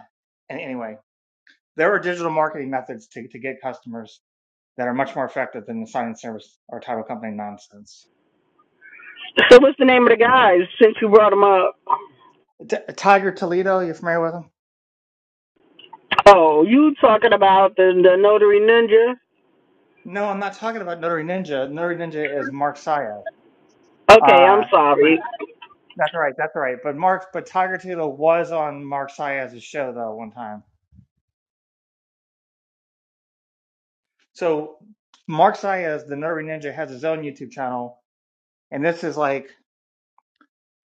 and anyway, there are digital marketing methods to to get customers that are much more effective than the sign and service or title company nonsense.
So what's the name of the guy since you brought him up?
T- Tiger Toledo, you familiar with him?
Oh, you talking about the the notary ninja?
No, I'm not talking about Notary Ninja. Notary Ninja is Mark Sayo.
Okay, I'm
Uh, but
sorry.
That's all right. That's all right. But Mark, but Tiger Tito was on Mark Siaz's show though one time. So Mark Siaz, the Nerdy Ninja, has his own YouTube channel, and this is like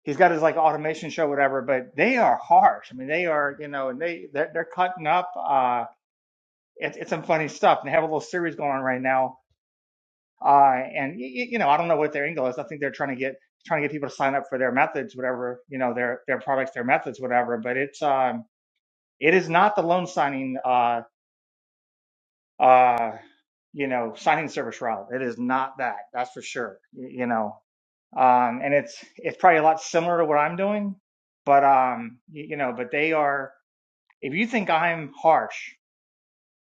he's got his like automation show, whatever. But they are harsh. I mean, they are you know, and they they're, they're cutting up. Uh, it's it's some funny stuff. And they have a little series going on right now. Uh, and y- y- you know, I don't know what their angle is. I think they're trying to get trying to get people to sign up for their methods, whatever you know, their their products, their methods, whatever. But it's um it is not the loan signing. uh. uh, you know, signing service route. It is not that, that's for sure. y- You know, um, and it's it's probably a lot similar to what I'm doing, but um, you, you know, but they are. If you think I'm harsh,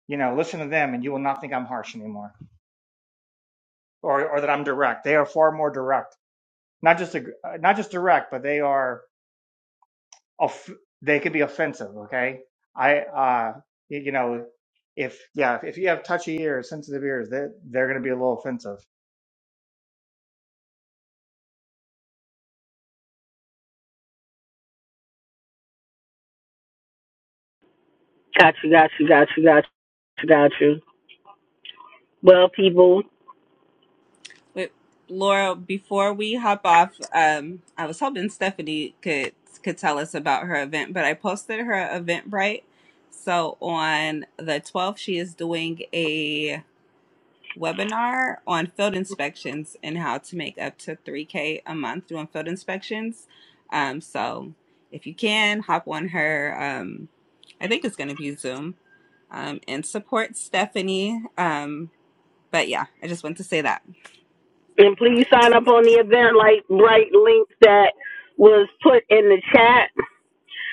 you know, listen to them, and you will not think I'm harsh anymore, or or that I'm direct. They are far more direct, not just ag- uh, not just direct, but they are. Off- they could be offensive. Okay, I uh, y- you know, if yeah, if you have touchy ears, sensitive ears, they they're going to be a little offensive
Got you, got you, got you, got you, got you. Well, people,
Wait, Laura, before we hop off, um, I was hoping Stephanie could could tell us about her event, but I posted her Eventbrite. So on the 12th, she is doing a webinar on field inspections and how to make up to 3K a month doing field inspections. Um, so if you can, hop on her. Um, I think it's going to be Zoom um, and support Stephanie. Um, but yeah, I just want to say that.
and please sign up on the event like bright link that was put in the chat.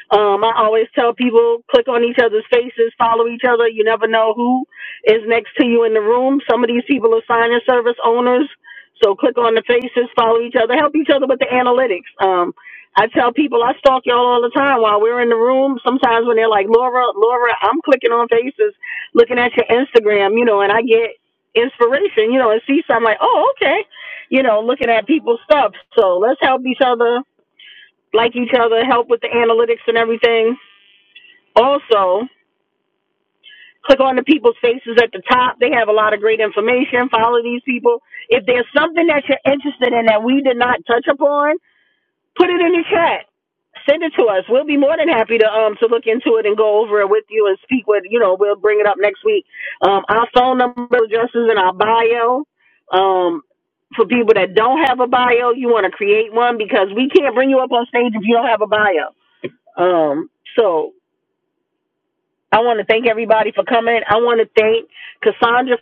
Um, I always tell people click on each other's faces, follow each other. You never know who is next to you in the room. Some of these people are sign and service owners, so click on the faces, follow each other, help each other with the analytics. Um, I tell people I stalk y'all all the time while we're in the room. Sometimes when they're like Laura, Laura, I'm clicking on faces, looking at your Instagram, you know, and I get inspiration, you know, and see something like, oh, okay, you know, looking at people's stuff. So let's help each other, like each other, help with the analytics and everything also, click on the people's faces at the top. They have a lot of great information. Follow these people. If there's something that you're interested in that we did not touch upon, put it in the chat. Send it to us. We'll be more than happy to um to look into it and go over it with you and speak with you know we'll bring it up next week. Um, our phone number addresses in our bio. Um, for people that don't have a bio, you want to create one because we can't bring you up on stage if you don't have a bio. Um, so I want to thank everybody for coming. I want to thank Cassandra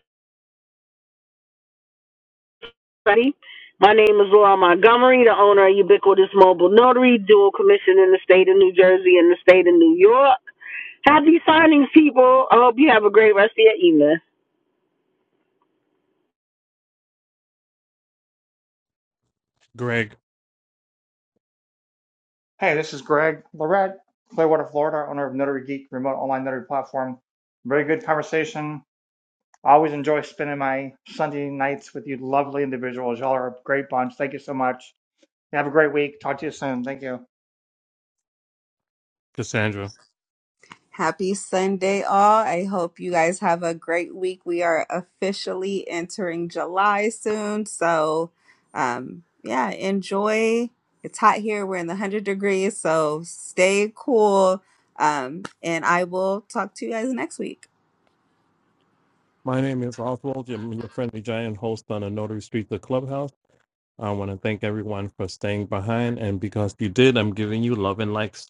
Freddy. My name is Laura Montgomery, the owner of Ubiquitous Mobile Notary, dual commission in the state of New Jersey and the state of New York. Happy signings, people. I hope you have a great rest of your evening.
Great,
Hey, this is Greg Lorette, Clearwater, Florida, owner of Notary Geek, remote online notary platform. Very good conversation. I always enjoy spending my Sunday nights with you lovely individuals. Y'all are a great bunch. Thank you so much. Have a great week. Talk to you soon. Thank you.
Cassandra.
Happy Sunday, all. I hope you guys have a great week. We are officially entering July soon. So, um, yeah, enjoy. It's hot here. We're in the 100 degrees. So, stay cool. Um, and I will talk to you guys next week.
My name is Oswald, your, your friendly giant host on the Notary Street, the clubhouse. I want to thank everyone for staying behind. And because you did, I'm giving you love and likes.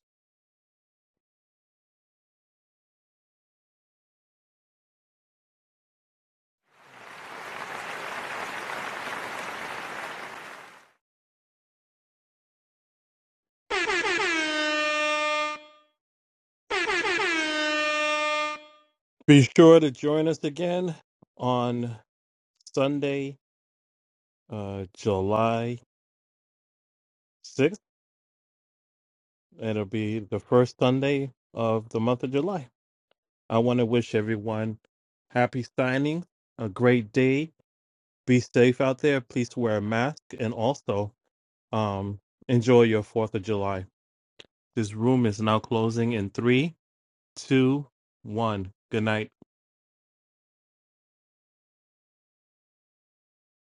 Be sure to join us again on Sunday, uh, July 6th. It'll be the first Sunday of the month of July. I want to wish everyone happy signing, a great day. Be safe out there. Please wear a mask. And also, Um, enjoy your Fourth of July. This room is now closing in three, two, one. Good night.